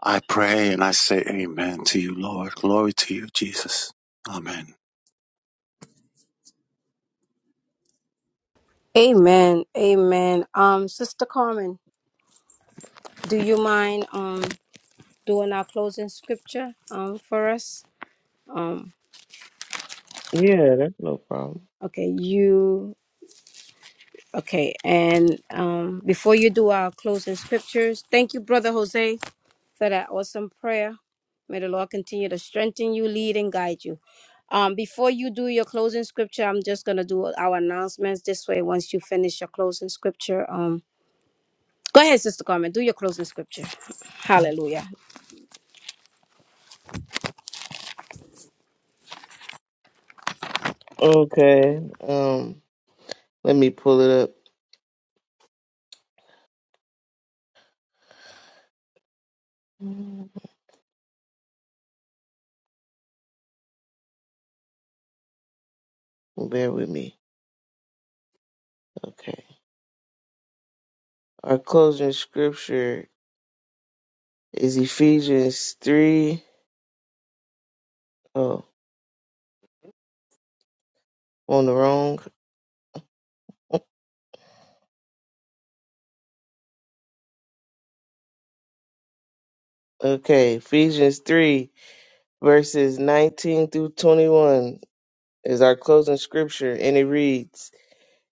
[SPEAKER 3] I pray and I say amen to you, Lord. Glory to you, Jesus. Amen.
[SPEAKER 1] Amen. Amen. Um, Sister Carmen, do you mind? Um, doing our closing scripture um, for us. Um,
[SPEAKER 4] Yeah, that's no problem.
[SPEAKER 1] okay, you. Okay, and um, before you do our closing scriptures, thank you, Brother Jose, for that awesome prayer. May the Lord continue to strengthen you, lead, and guide you. Um, before you do your closing scripture, I'm just gonna do our announcements this way. Once you finish your closing scripture, um, go ahead, Sister Carmen, do your closing scripture. Hallelujah.
[SPEAKER 4] Okay. Um, let me pull it up. Bear with me. Okay. Our closing scripture is Ephesians 3. Oh, on the wrong. Okay. Ephesians 3, verses 19 through 21 is our closing scripture, and it reads.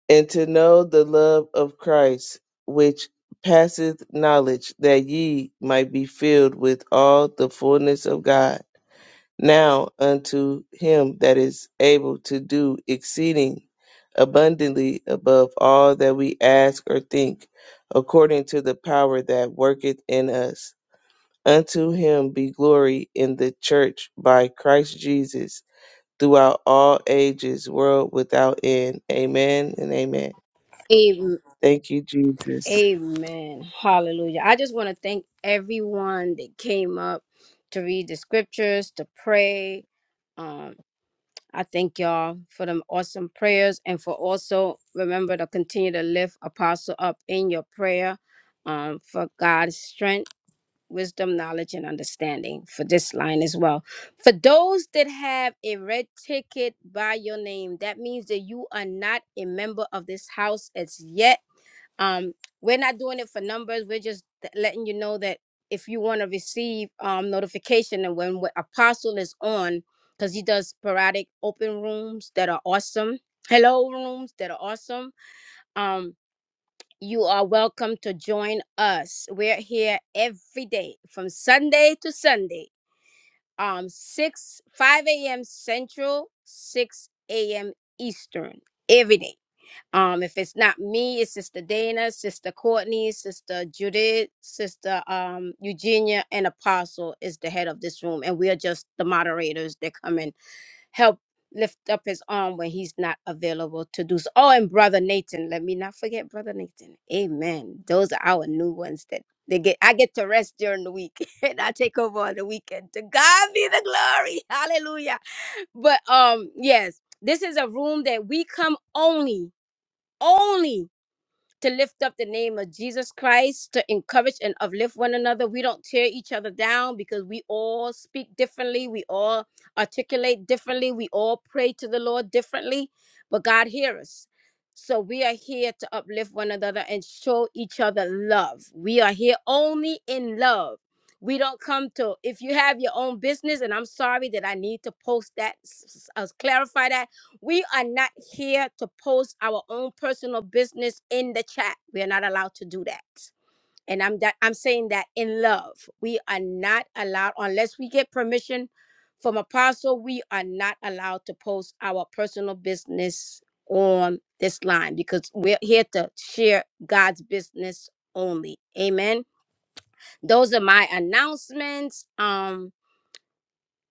[SPEAKER 4] and to know the love of Christ, which passeth knowledge, that ye might be filled with all the fullness of God. Now unto him that is able to do exceeding abundantly above all that we ask or think, according to the power that worketh in us. Unto him be glory in the church by Christ Jesus throughout all ages, world without end. Amen and amen. Thank you, Jesus.
[SPEAKER 1] Amen. Hallelujah. I just want to thank everyone that came up to read the scriptures, to pray. Um, I thank y'all for them awesome prayers and for also remember to continue to lift Apostle up in your prayer um, for God's strength, wisdom, knowledge, and understanding for this line as well. For those that have a red ticket by your name, that means that you are not a member of this house as yet um we're not doing it for numbers we're just th- letting you know that if you want to receive um notification and when, when apostle is on because he does sporadic open rooms that are awesome hello rooms that are awesome um you are welcome to join us we're here every day from sunday to sunday um 6 5 a.m central 6 a.m eastern every day um, if it's not me, it's Sister Dana, Sister Courtney, Sister Judith, Sister um, Eugenia, and Apostle is the head of this room, and we are just the moderators that come and help lift up his arm when he's not available to do so. Oh, and Brother Nathan, let me not forget Brother Nathan. Amen. Those are our new ones that they get. I get to rest during the week, and I take over on the weekend. To God be the glory. Hallelujah. But um, yes, this is a room that we come only only to lift up the name of Jesus Christ, to encourage and uplift one another. We don't tear each other down because we all speak differently. We all articulate differently. We all pray to the Lord differently, but God hears us. So we are here to uplift one another and show each other love. We are here only in love. We don't come to, if you have your own business, and I'm sorry that I need to post that, s- s- uh, clarify that we are not here to post our own personal business in the chat. We are not allowed to do that. And I'm that I'm saying that in love. We are not allowed unless we get permission from apostle, we are not allowed to post our personal business on this line because we're here to share God's business only. Amen. Those are my announcements. Um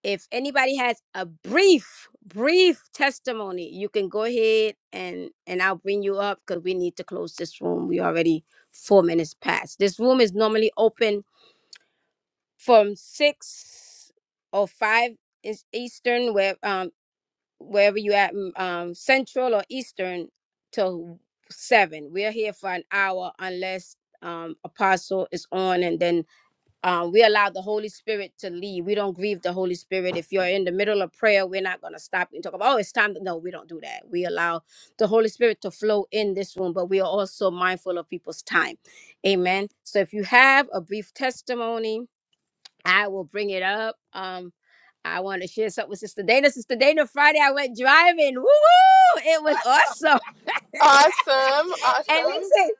[SPEAKER 1] if anybody has a brief brief testimony you can go ahead and and i'll bring you up because we need to close this room we already four minutes past this room is normally open from six or five is eastern where um wherever you at mm, um central or eastern till seven we're here for an hour unless um apostle is on and then um, we allow the Holy Spirit to lead. We don't grieve the Holy Spirit. If you're in the middle of prayer, we're not going to stop and talk about, oh, it's time. to-" No, we don't do that. We allow the Holy Spirit to flow in this room, but we are also mindful of people's time. Amen. So if you have a brief testimony, I will bring it up. Um, I want to share something with Sister Dana. Sister Dana, Friday I went driving. Woo! It was awesome.
[SPEAKER 2] Awesome.
[SPEAKER 1] and listen,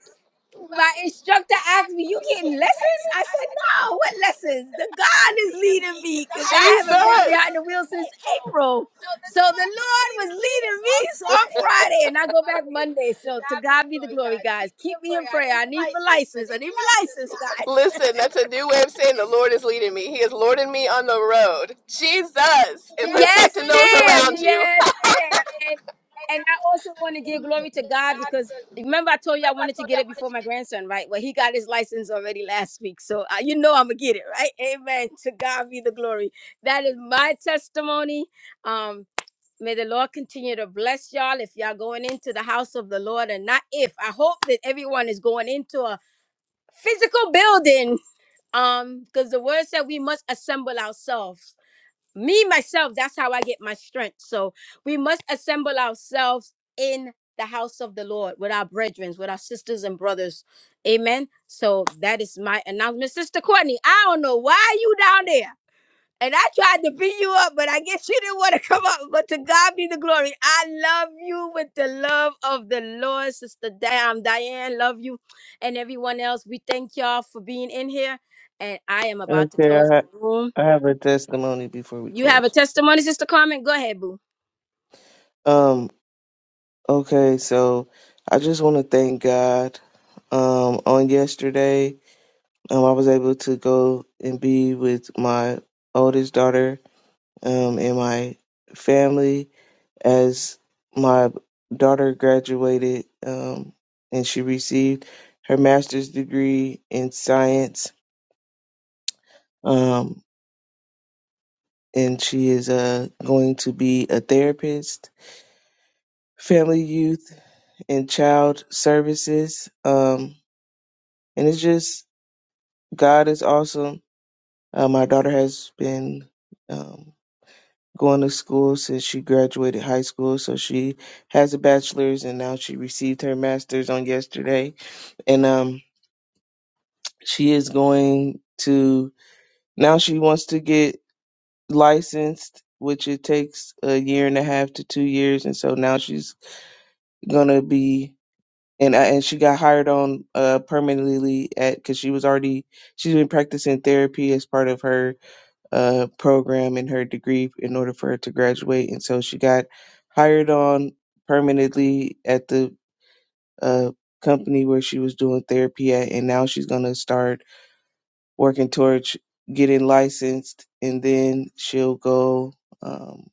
[SPEAKER 1] my instructor asked me, "You getting lessons?" I said, "No, what lessons? The God is leading me because I
[SPEAKER 2] Jesus.
[SPEAKER 1] haven't been behind the wheel since April." So the Lord was leading me so on Friday, and I go back Monday. So to God be the glory, guys. Keep me in prayer. I need my license. I need my license, guys.
[SPEAKER 2] Listen, that's a new way of saying the Lord is leading me. He is lording me on the road. Jesus. And
[SPEAKER 1] Yes,
[SPEAKER 2] protecting those
[SPEAKER 1] ma'am.
[SPEAKER 2] around you.
[SPEAKER 1] Yes, ma'am. And and I also want to give glory to God because remember I told you I wanted to get it before my grandson, right? Well, he got his license already last week, so uh, you know I'm gonna get it, right? Amen. To God be the glory. That is my testimony. Um, may the Lord continue to bless y'all. If y'all going into the house of the Lord, and not if, I hope that everyone is going into a physical building. Um, because the word said we must assemble ourselves me myself that's how i get my strength so we must assemble ourselves in the house of the lord with our brethren with our sisters and brothers amen so that is my announcement sister courtney i don't know why you down there and i tried to beat you up but i guess you didn't want to come up but to god be the glory i love you with the love of the lord sister damn diane love you and everyone else we thank y'all for being in here and i am about to
[SPEAKER 4] Okay,
[SPEAKER 1] close
[SPEAKER 4] I,
[SPEAKER 1] the room
[SPEAKER 4] I have a testimony before we
[SPEAKER 1] you have a
[SPEAKER 4] close.
[SPEAKER 1] testimony, Sister Carmen? Go ahead, boo.
[SPEAKER 4] Um, okay, so I just want to thank God. Um, on yesterday, um, I was able to go and be with my oldest daughter, um, and my family as my daughter graduated, um, and she received her master's degree in science. Um, and she is uh, going to be a therapist, family, youth, and child services. Um, and it's just God is awesome. Uh, my daughter has been um, going to school since she graduated high school, so she has a bachelor's, and now she received her master's on yesterday, and um, she is going to now she wants to get licensed. Which it takes a year and a half to two years, and so now she's gonna be and I, and she got hired on uh permanently at because she was already she's been practicing therapy as part of her uh program and her degree in order for her to graduate and so she got hired on permanently at the uh company where she was doing therapy at and now she's gonna start working towards getting licensed and then she'll go um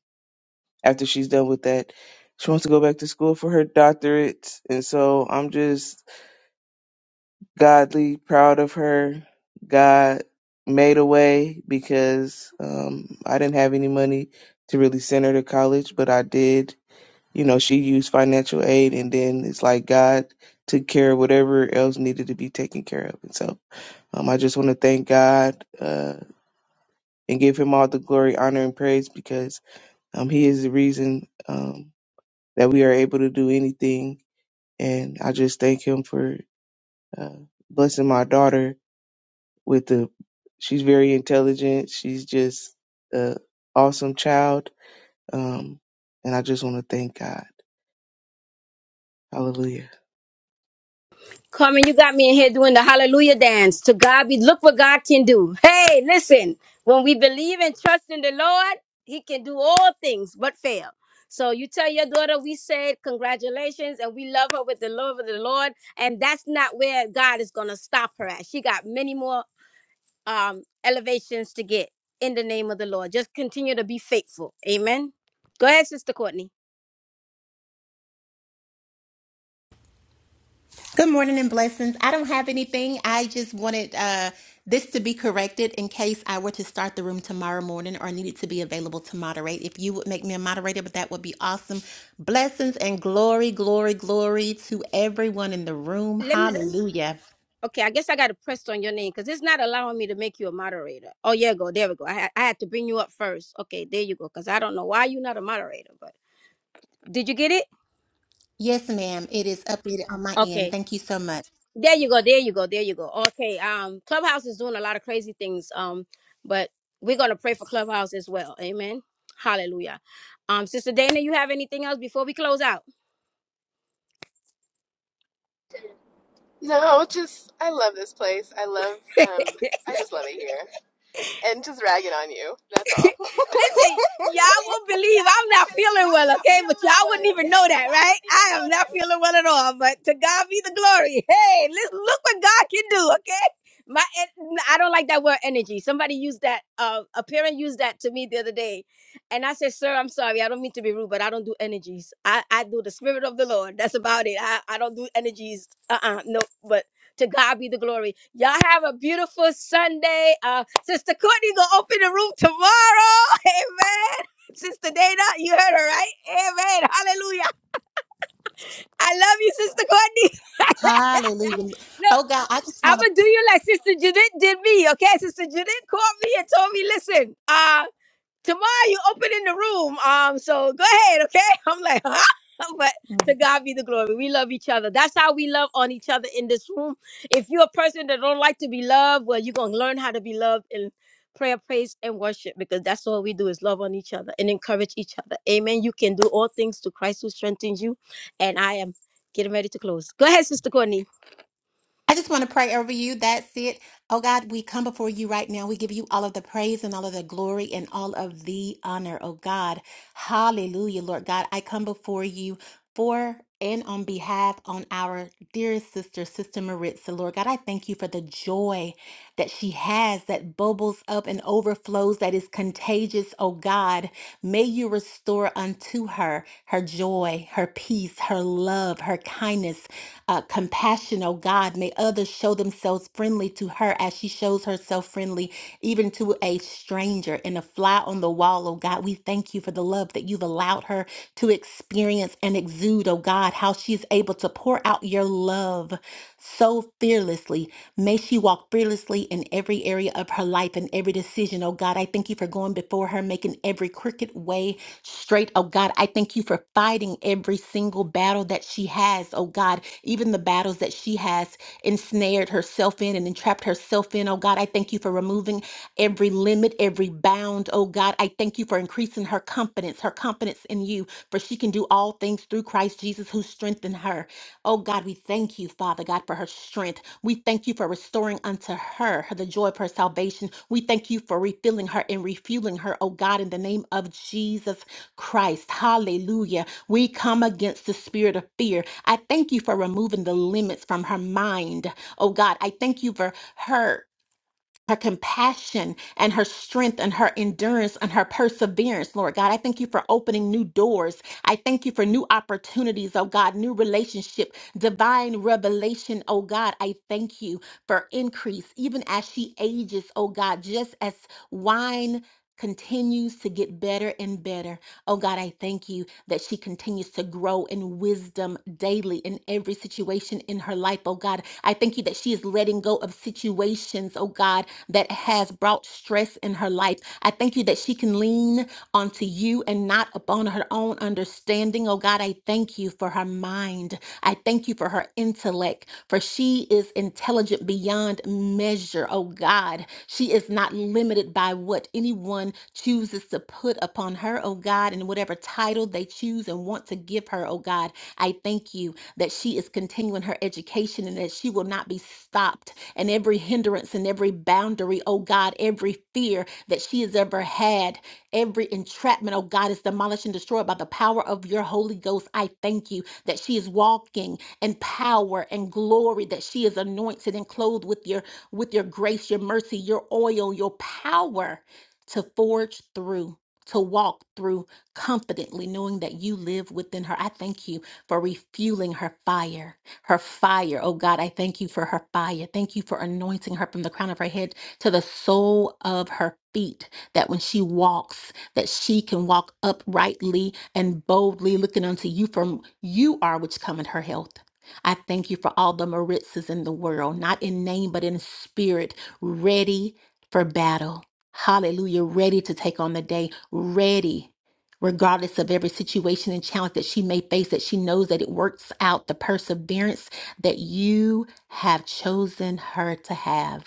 [SPEAKER 4] after she's done with that she wants to go back to school for her doctorate and so i'm just godly, proud of her. God made a way because um, I didn't have any money to really send her to college, but I did. You know, she used financial aid, and then it's like God took care of whatever else needed to be taken care of. And so um, I just want to thank God uh, and give him all the glory, honor, and praise because um, he is the reason um, that we are able to do anything. And I just thank him for uh, blessing my daughter with the she's very intelligent. She's just a awesome child. Um, and I just want to thank God. Hallelujah.
[SPEAKER 1] Carmen, you got me in here doing the hallelujah dance. To God be, look what God can do. Hey, listen, when we believe and trust in the Lord, He can do all things but fail. So you tell your daughter, we said congratulations and we love her with the love of the Lord. And that's not where God is going to stop her at. She got many more um, elevations to get in the name of the Lord. Just continue to be faithful. Amen. Go ahead, Sister Courtney.
[SPEAKER 6] Good morning and blessings. I don't have anything. I just wanted uh, this to be corrected in case I were to start the room tomorrow morning or needed to be available to moderate. If you would make me a moderator, but that would be awesome. Blessings and glory, glory, glory to everyone in the room.
[SPEAKER 1] Let me.
[SPEAKER 6] Hallelujah.
[SPEAKER 1] Okay, I guess I got to press on your name because it's not allowing me to make you a moderator. Oh, yeah, go. There we go. I, had- I had to bring you up first. Okay, there you go. Because I don't know why you're not a moderator, but did you get it?
[SPEAKER 6] Yes, ma'am. It is updated on my end.
[SPEAKER 1] Okay,
[SPEAKER 6] Thank you so much.
[SPEAKER 1] there you go. There you go. There you go. Okay, um, Clubhouse is doing a lot of crazy things, um, but we're going to pray for Clubhouse as well. Amen. Hallelujah. Um, Sister Dana, you have anything else before we close out?
[SPEAKER 2] No, just, I love this place. I love, um, I just love it here. And just ragging on you. That's all.
[SPEAKER 1] Listen, y'all will believe I'm not feeling well, okay? But y'all wouldn't even know that, right? I am not feeling well at all. But to God be the glory. Hey, let's look what God can do, okay? My, en- I don't like that word energy. Somebody used that. Uh, a parent used that to me the other day, and I said, "Sir, I'm sorry. I don't mean to be rude, but I don't do energies. I, I do the spirit of the Lord. That's about it. I, I don't do energies. Uh, uh no. But to God be the glory. Y'all have a beautiful Sunday. Uh, Sister Courtney gonna open the room tomorrow. Amen. Sister Dana, you heard her right. Amen. Hallelujah. I love you, Sister Courtney.
[SPEAKER 6] Hallelujah.
[SPEAKER 1] Look,
[SPEAKER 6] Oh God, I just want
[SPEAKER 1] I'ma do you like Sister Judith did me. Okay, Sister Judith called me and told me, listen. Uh. tomorrow you opening the room. Um, so go ahead, okay? I'm like, huh? But
[SPEAKER 6] to.
[SPEAKER 1] to God be the glory. We love each other. That's how we love on each other in this room. If you're a person that don't like to be loved, well, you're gonna learn how to be loved in prayer, praise, and worship because that's all we do is love on each other and encourage each other. Amen. You can do all things to Christ who strengthens you. And I am getting ready to close. Go ahead, Sister Courtney.
[SPEAKER 6] I just want to pray over you. That's it. Oh God, we come before you right now. We give you all of the praise and all of the glory and all of the honor. Oh God, hallelujah, Lord God. I come before you for and on behalf on our dear sister, Sister Maritza, Lord God. I thank you for the joy that she has that bubbles up and overflows that is contagious, oh God. May you restore unto her her joy, her peace, her love, her kindness, uh, compassion, oh God. May others show themselves friendly to her as she shows herself friendly, even to a stranger and a fly on the wall, oh God. We thank you for the love that you've allowed her to experience and exude, oh God, how she's able to pour out your love so fearlessly. May she walk fearlessly in every area of her life and every decision. Oh God, I thank you for going before her, making every crooked way straight. Oh God, I thank you for fighting every single battle that she has. Oh God, even the battles that she has ensnared herself in and entrapped herself in. Oh God, I thank you for removing every limit, every bound. Oh God, I thank you for increasing her confidence, her confidence in you, for she can do all things through Christ Jesus who strengthened her. Oh God, we thank you, Father God, for her strength. We thank you for restoring unto her the joy of her salvation. We thank you for refilling her and refueling her, oh God, in the name of Jesus Christ. Hallelujah. We come against the spirit of fear. I thank you for removing the limits from her mind, oh God. I thank you for her her compassion and her strength and her endurance and her perseverance, Lord God. I thank you for opening new doors. I thank you for new opportunities, oh God, new relationship, divine revelation, oh God. I thank you for increase, even as she ages, oh God, just as wine continues to get better and better. Oh God, I thank you that she continues to grow in wisdom daily in every situation in her life. Oh God, I thank you that she is letting go of situations, oh God, that has brought stress in her life. I thank you that she can lean onto you and not upon her own understanding. Oh God, I thank you for her mind. I thank you for her intellect, for she is intelligent beyond measure. Oh God, she is not limited by what anyone chooses to put upon her, oh God, and whatever title they choose and want to give her, oh God. I thank you that she is continuing her education and that she will not be stopped. And every hindrance and every boundary, oh God, every fear that she has ever had, every entrapment, oh God, is demolished and destroyed by the power of your Holy Ghost. I thank you that she is walking in power and glory, that she is anointed and clothed with your with your grace, your mercy, your oil, your power to forge through, to walk through confidently, knowing that you live within her. I thank you for refueling her fire, her fire. Oh God, I thank you for her fire. Thank you for anointing her from the crown of her head to the sole of her feet, that when she walks, that she can walk uprightly and boldly looking unto you from you are which cometh her health. I thank you for all the Maritzes in the world, not in name, but in spirit, ready for battle. Hallelujah. Ready to take on the day, ready, regardless of every situation and challenge that she may face, that she knows that it works out the perseverance that you have chosen her to have.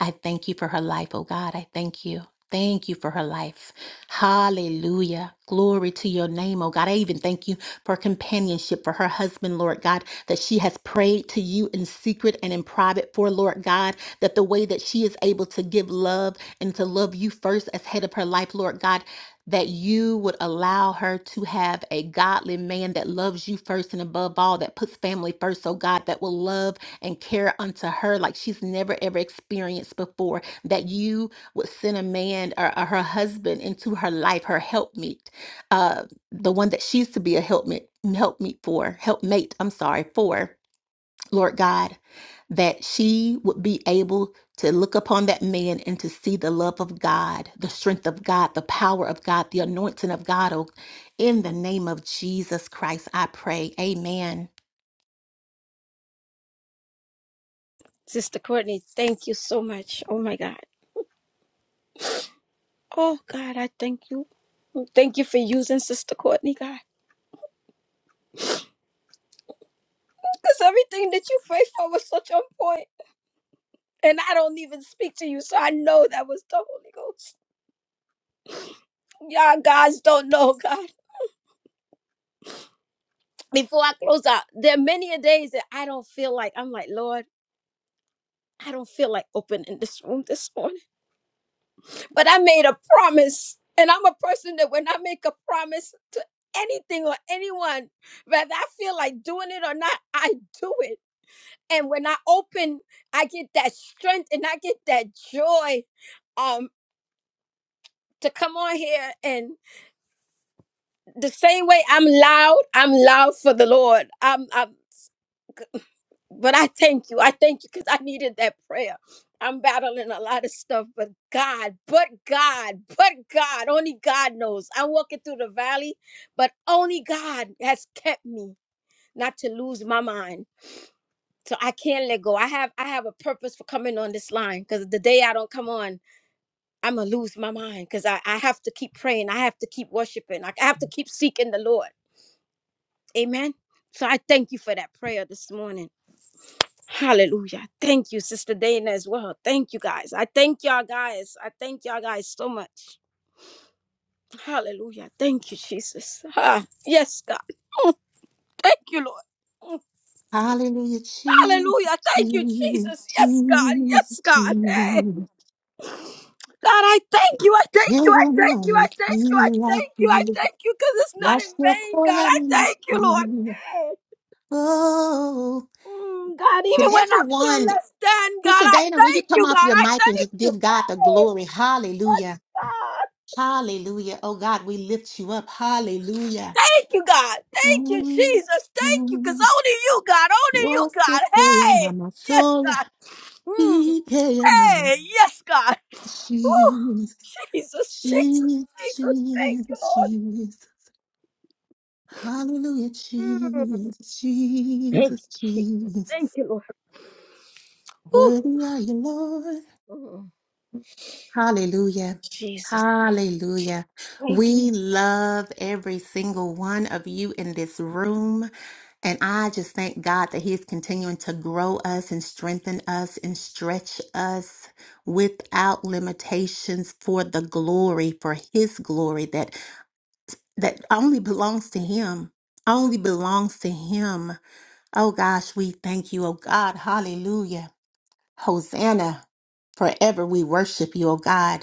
[SPEAKER 6] I thank you for her life, oh God. I thank you. Thank you for her life. Hallelujah. Glory to your name, oh God. I even thank you for companionship for her husband, Lord God, that she has prayed to you in secret and in private for, Lord God, that the way that she is able to give love and to love you first as head of her life, Lord God. That you would allow her to have a godly man that loves you first and above all, that puts family first, oh God, that will love and care unto her like she's never ever experienced before. That you would send a man or, or her husband into her life, her helpmeet, uh, the one that she's to be a helpmeet, helpmeet for, helpmate. I'm sorry for, Lord God, that she would be able to look upon that man and to see the love of God, the strength of God, the power of God, the anointing of God. Oh, in the name of Jesus Christ, I pray. Amen.
[SPEAKER 1] Sister Courtney, thank you so much. Oh my God. Oh God, I thank you. Thank you for using Sister Courtney, God. Because everything that you prayed for was such on point. And I don't even speak to you, so I know that was the Holy Ghost. Y'all guys don't know, God. Before I close out, there are many a days that I don't feel like, I'm like, Lord, I don't feel like opening this room this morning. But I made a promise. And I'm a person that when I make a promise to anything or anyone, whether I feel like doing it or not, I do it. And when I open, I get that strength and I get that joy Um. to come on here and the same way I'm loud, I'm loud for the Lord. I'm, I'm but I thank you. I thank you because I needed that prayer. I'm battling a lot of stuff, but God, but God, but God, only God knows. I'm walking through the valley, but only God has kept me not to lose my mind. So I can't let go. I have I have a purpose for coming on this line because the day I don't come on, I'm gonna lose my mind because I, I have to keep praying. I have to keep worshiping. I I have to keep seeking the Lord. Amen. So I thank you for that prayer this morning. Hallelujah. Thank you, Sister Dana, as well. Thank you guys. I thank y'all guys. I thank y'all guys so much. Hallelujah. Thank you, Jesus. Ah, yes, God. Mm, Thank you, Lord. Mm,
[SPEAKER 6] Hallelujah, Jesus,
[SPEAKER 1] Hallelujah. Thank you, Jesus. Yes, God.
[SPEAKER 6] Jesus,
[SPEAKER 1] Yes, God. Hey,
[SPEAKER 6] Jesus.
[SPEAKER 1] God, I thank you. I thank
[SPEAKER 6] You
[SPEAKER 1] you. I
[SPEAKER 6] want to
[SPEAKER 1] thank you. I
[SPEAKER 6] only
[SPEAKER 1] thank you. I
[SPEAKER 6] see like
[SPEAKER 1] thank you. I
[SPEAKER 6] you.
[SPEAKER 1] thank you because it's not in
[SPEAKER 6] Lost your
[SPEAKER 1] vain, God. I
[SPEAKER 6] koyamin.
[SPEAKER 1] thank you, Lord. Hey,
[SPEAKER 6] Oh,
[SPEAKER 1] Mm, God,
[SPEAKER 6] can
[SPEAKER 1] even when I feel
[SPEAKER 6] everyone,
[SPEAKER 1] less than, God,
[SPEAKER 6] Sister
[SPEAKER 1] I
[SPEAKER 6] Dana, will you
[SPEAKER 1] thank you,
[SPEAKER 6] come
[SPEAKER 1] God.
[SPEAKER 6] off your
[SPEAKER 1] I
[SPEAKER 6] mic and
[SPEAKER 1] thank
[SPEAKER 6] just
[SPEAKER 1] you.
[SPEAKER 6] give God the glory? Hallelujah,
[SPEAKER 1] Hey, God.
[SPEAKER 6] hallelujah. Oh God, we lift you up. Hallelujah.
[SPEAKER 1] Thank you, God. Thank you,
[SPEAKER 6] Mm,
[SPEAKER 1] Jesus. Thank you, because
[SPEAKER 6] mm.
[SPEAKER 1] only you, God. Only you,
[SPEAKER 6] Lost
[SPEAKER 1] God.
[SPEAKER 6] your
[SPEAKER 1] Hey,
[SPEAKER 6] koyamin.
[SPEAKER 1] yes,
[SPEAKER 6] So,
[SPEAKER 1] God. Mm. Hey, yes, God. Woo.
[SPEAKER 6] Jesus,
[SPEAKER 1] Jesus, Jesus,
[SPEAKER 6] Jesus,
[SPEAKER 1] Jesus. Thank you,
[SPEAKER 6] Jesus,
[SPEAKER 1] Lord.
[SPEAKER 6] Jesus. Hallelujah, Jesus,
[SPEAKER 1] Thank
[SPEAKER 6] Jesus,
[SPEAKER 1] you, Je-
[SPEAKER 6] Jesus.
[SPEAKER 1] thank you Lord. Woo.
[SPEAKER 6] Worthy are you, Lord.
[SPEAKER 1] Mm.
[SPEAKER 6] Hallelujah.
[SPEAKER 1] Jesus.
[SPEAKER 6] Hallelujah. We love every single one of you in this room. And I just thank God that He is continuing to grow us and strengthen us and stretch us without limitations for the glory, for His glory, that that only belongs to him only belongs to him oh gosh we thank you oh god hallelujah hosanna forever we worship you oh god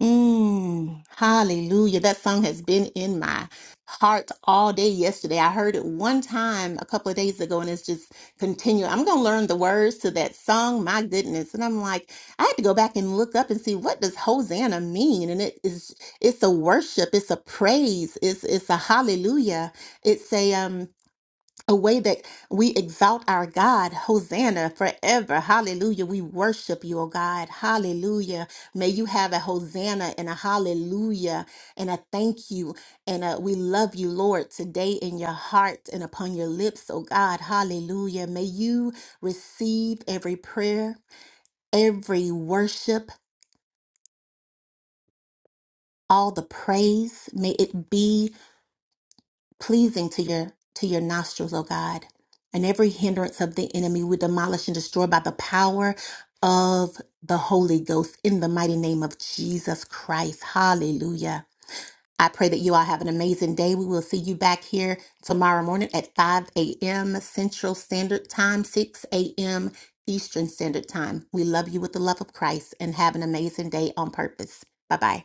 [SPEAKER 6] Mm, hallelujah. That song has been in my heart all day yesterday. I heard it one time a couple of days ago and it's just continuing. I'm going to learn the words to that song. My goodness. And I'm like, I had to go back and look up and see what does Hosanna mean? And it is, it's a worship. It's a praise. It's, it's a hallelujah. It's a, um, a way that we exalt our God. Hosanna forever. Hallelujah. We worship you, O God. Hallelujah. May you have a Hosanna and a hallelujah and a thank you. And a, we love you, Lord, today in your heart and upon your lips, O God. Hallelujah. May you receive every prayer, every worship. All the praise, may it be pleasing to your to your nostrils, O God. And every hindrance of the enemy we demolish and destroy by the power of the Holy Ghost in the mighty name of Jesus Christ. Hallelujah. I pray that you all have an amazing day. We will see you back here tomorrow morning at 5 a.m. Central Standard Time, 6 a.m. Eastern Standard Time. We love you with the love of Christ and have an amazing day on purpose. Bye bye.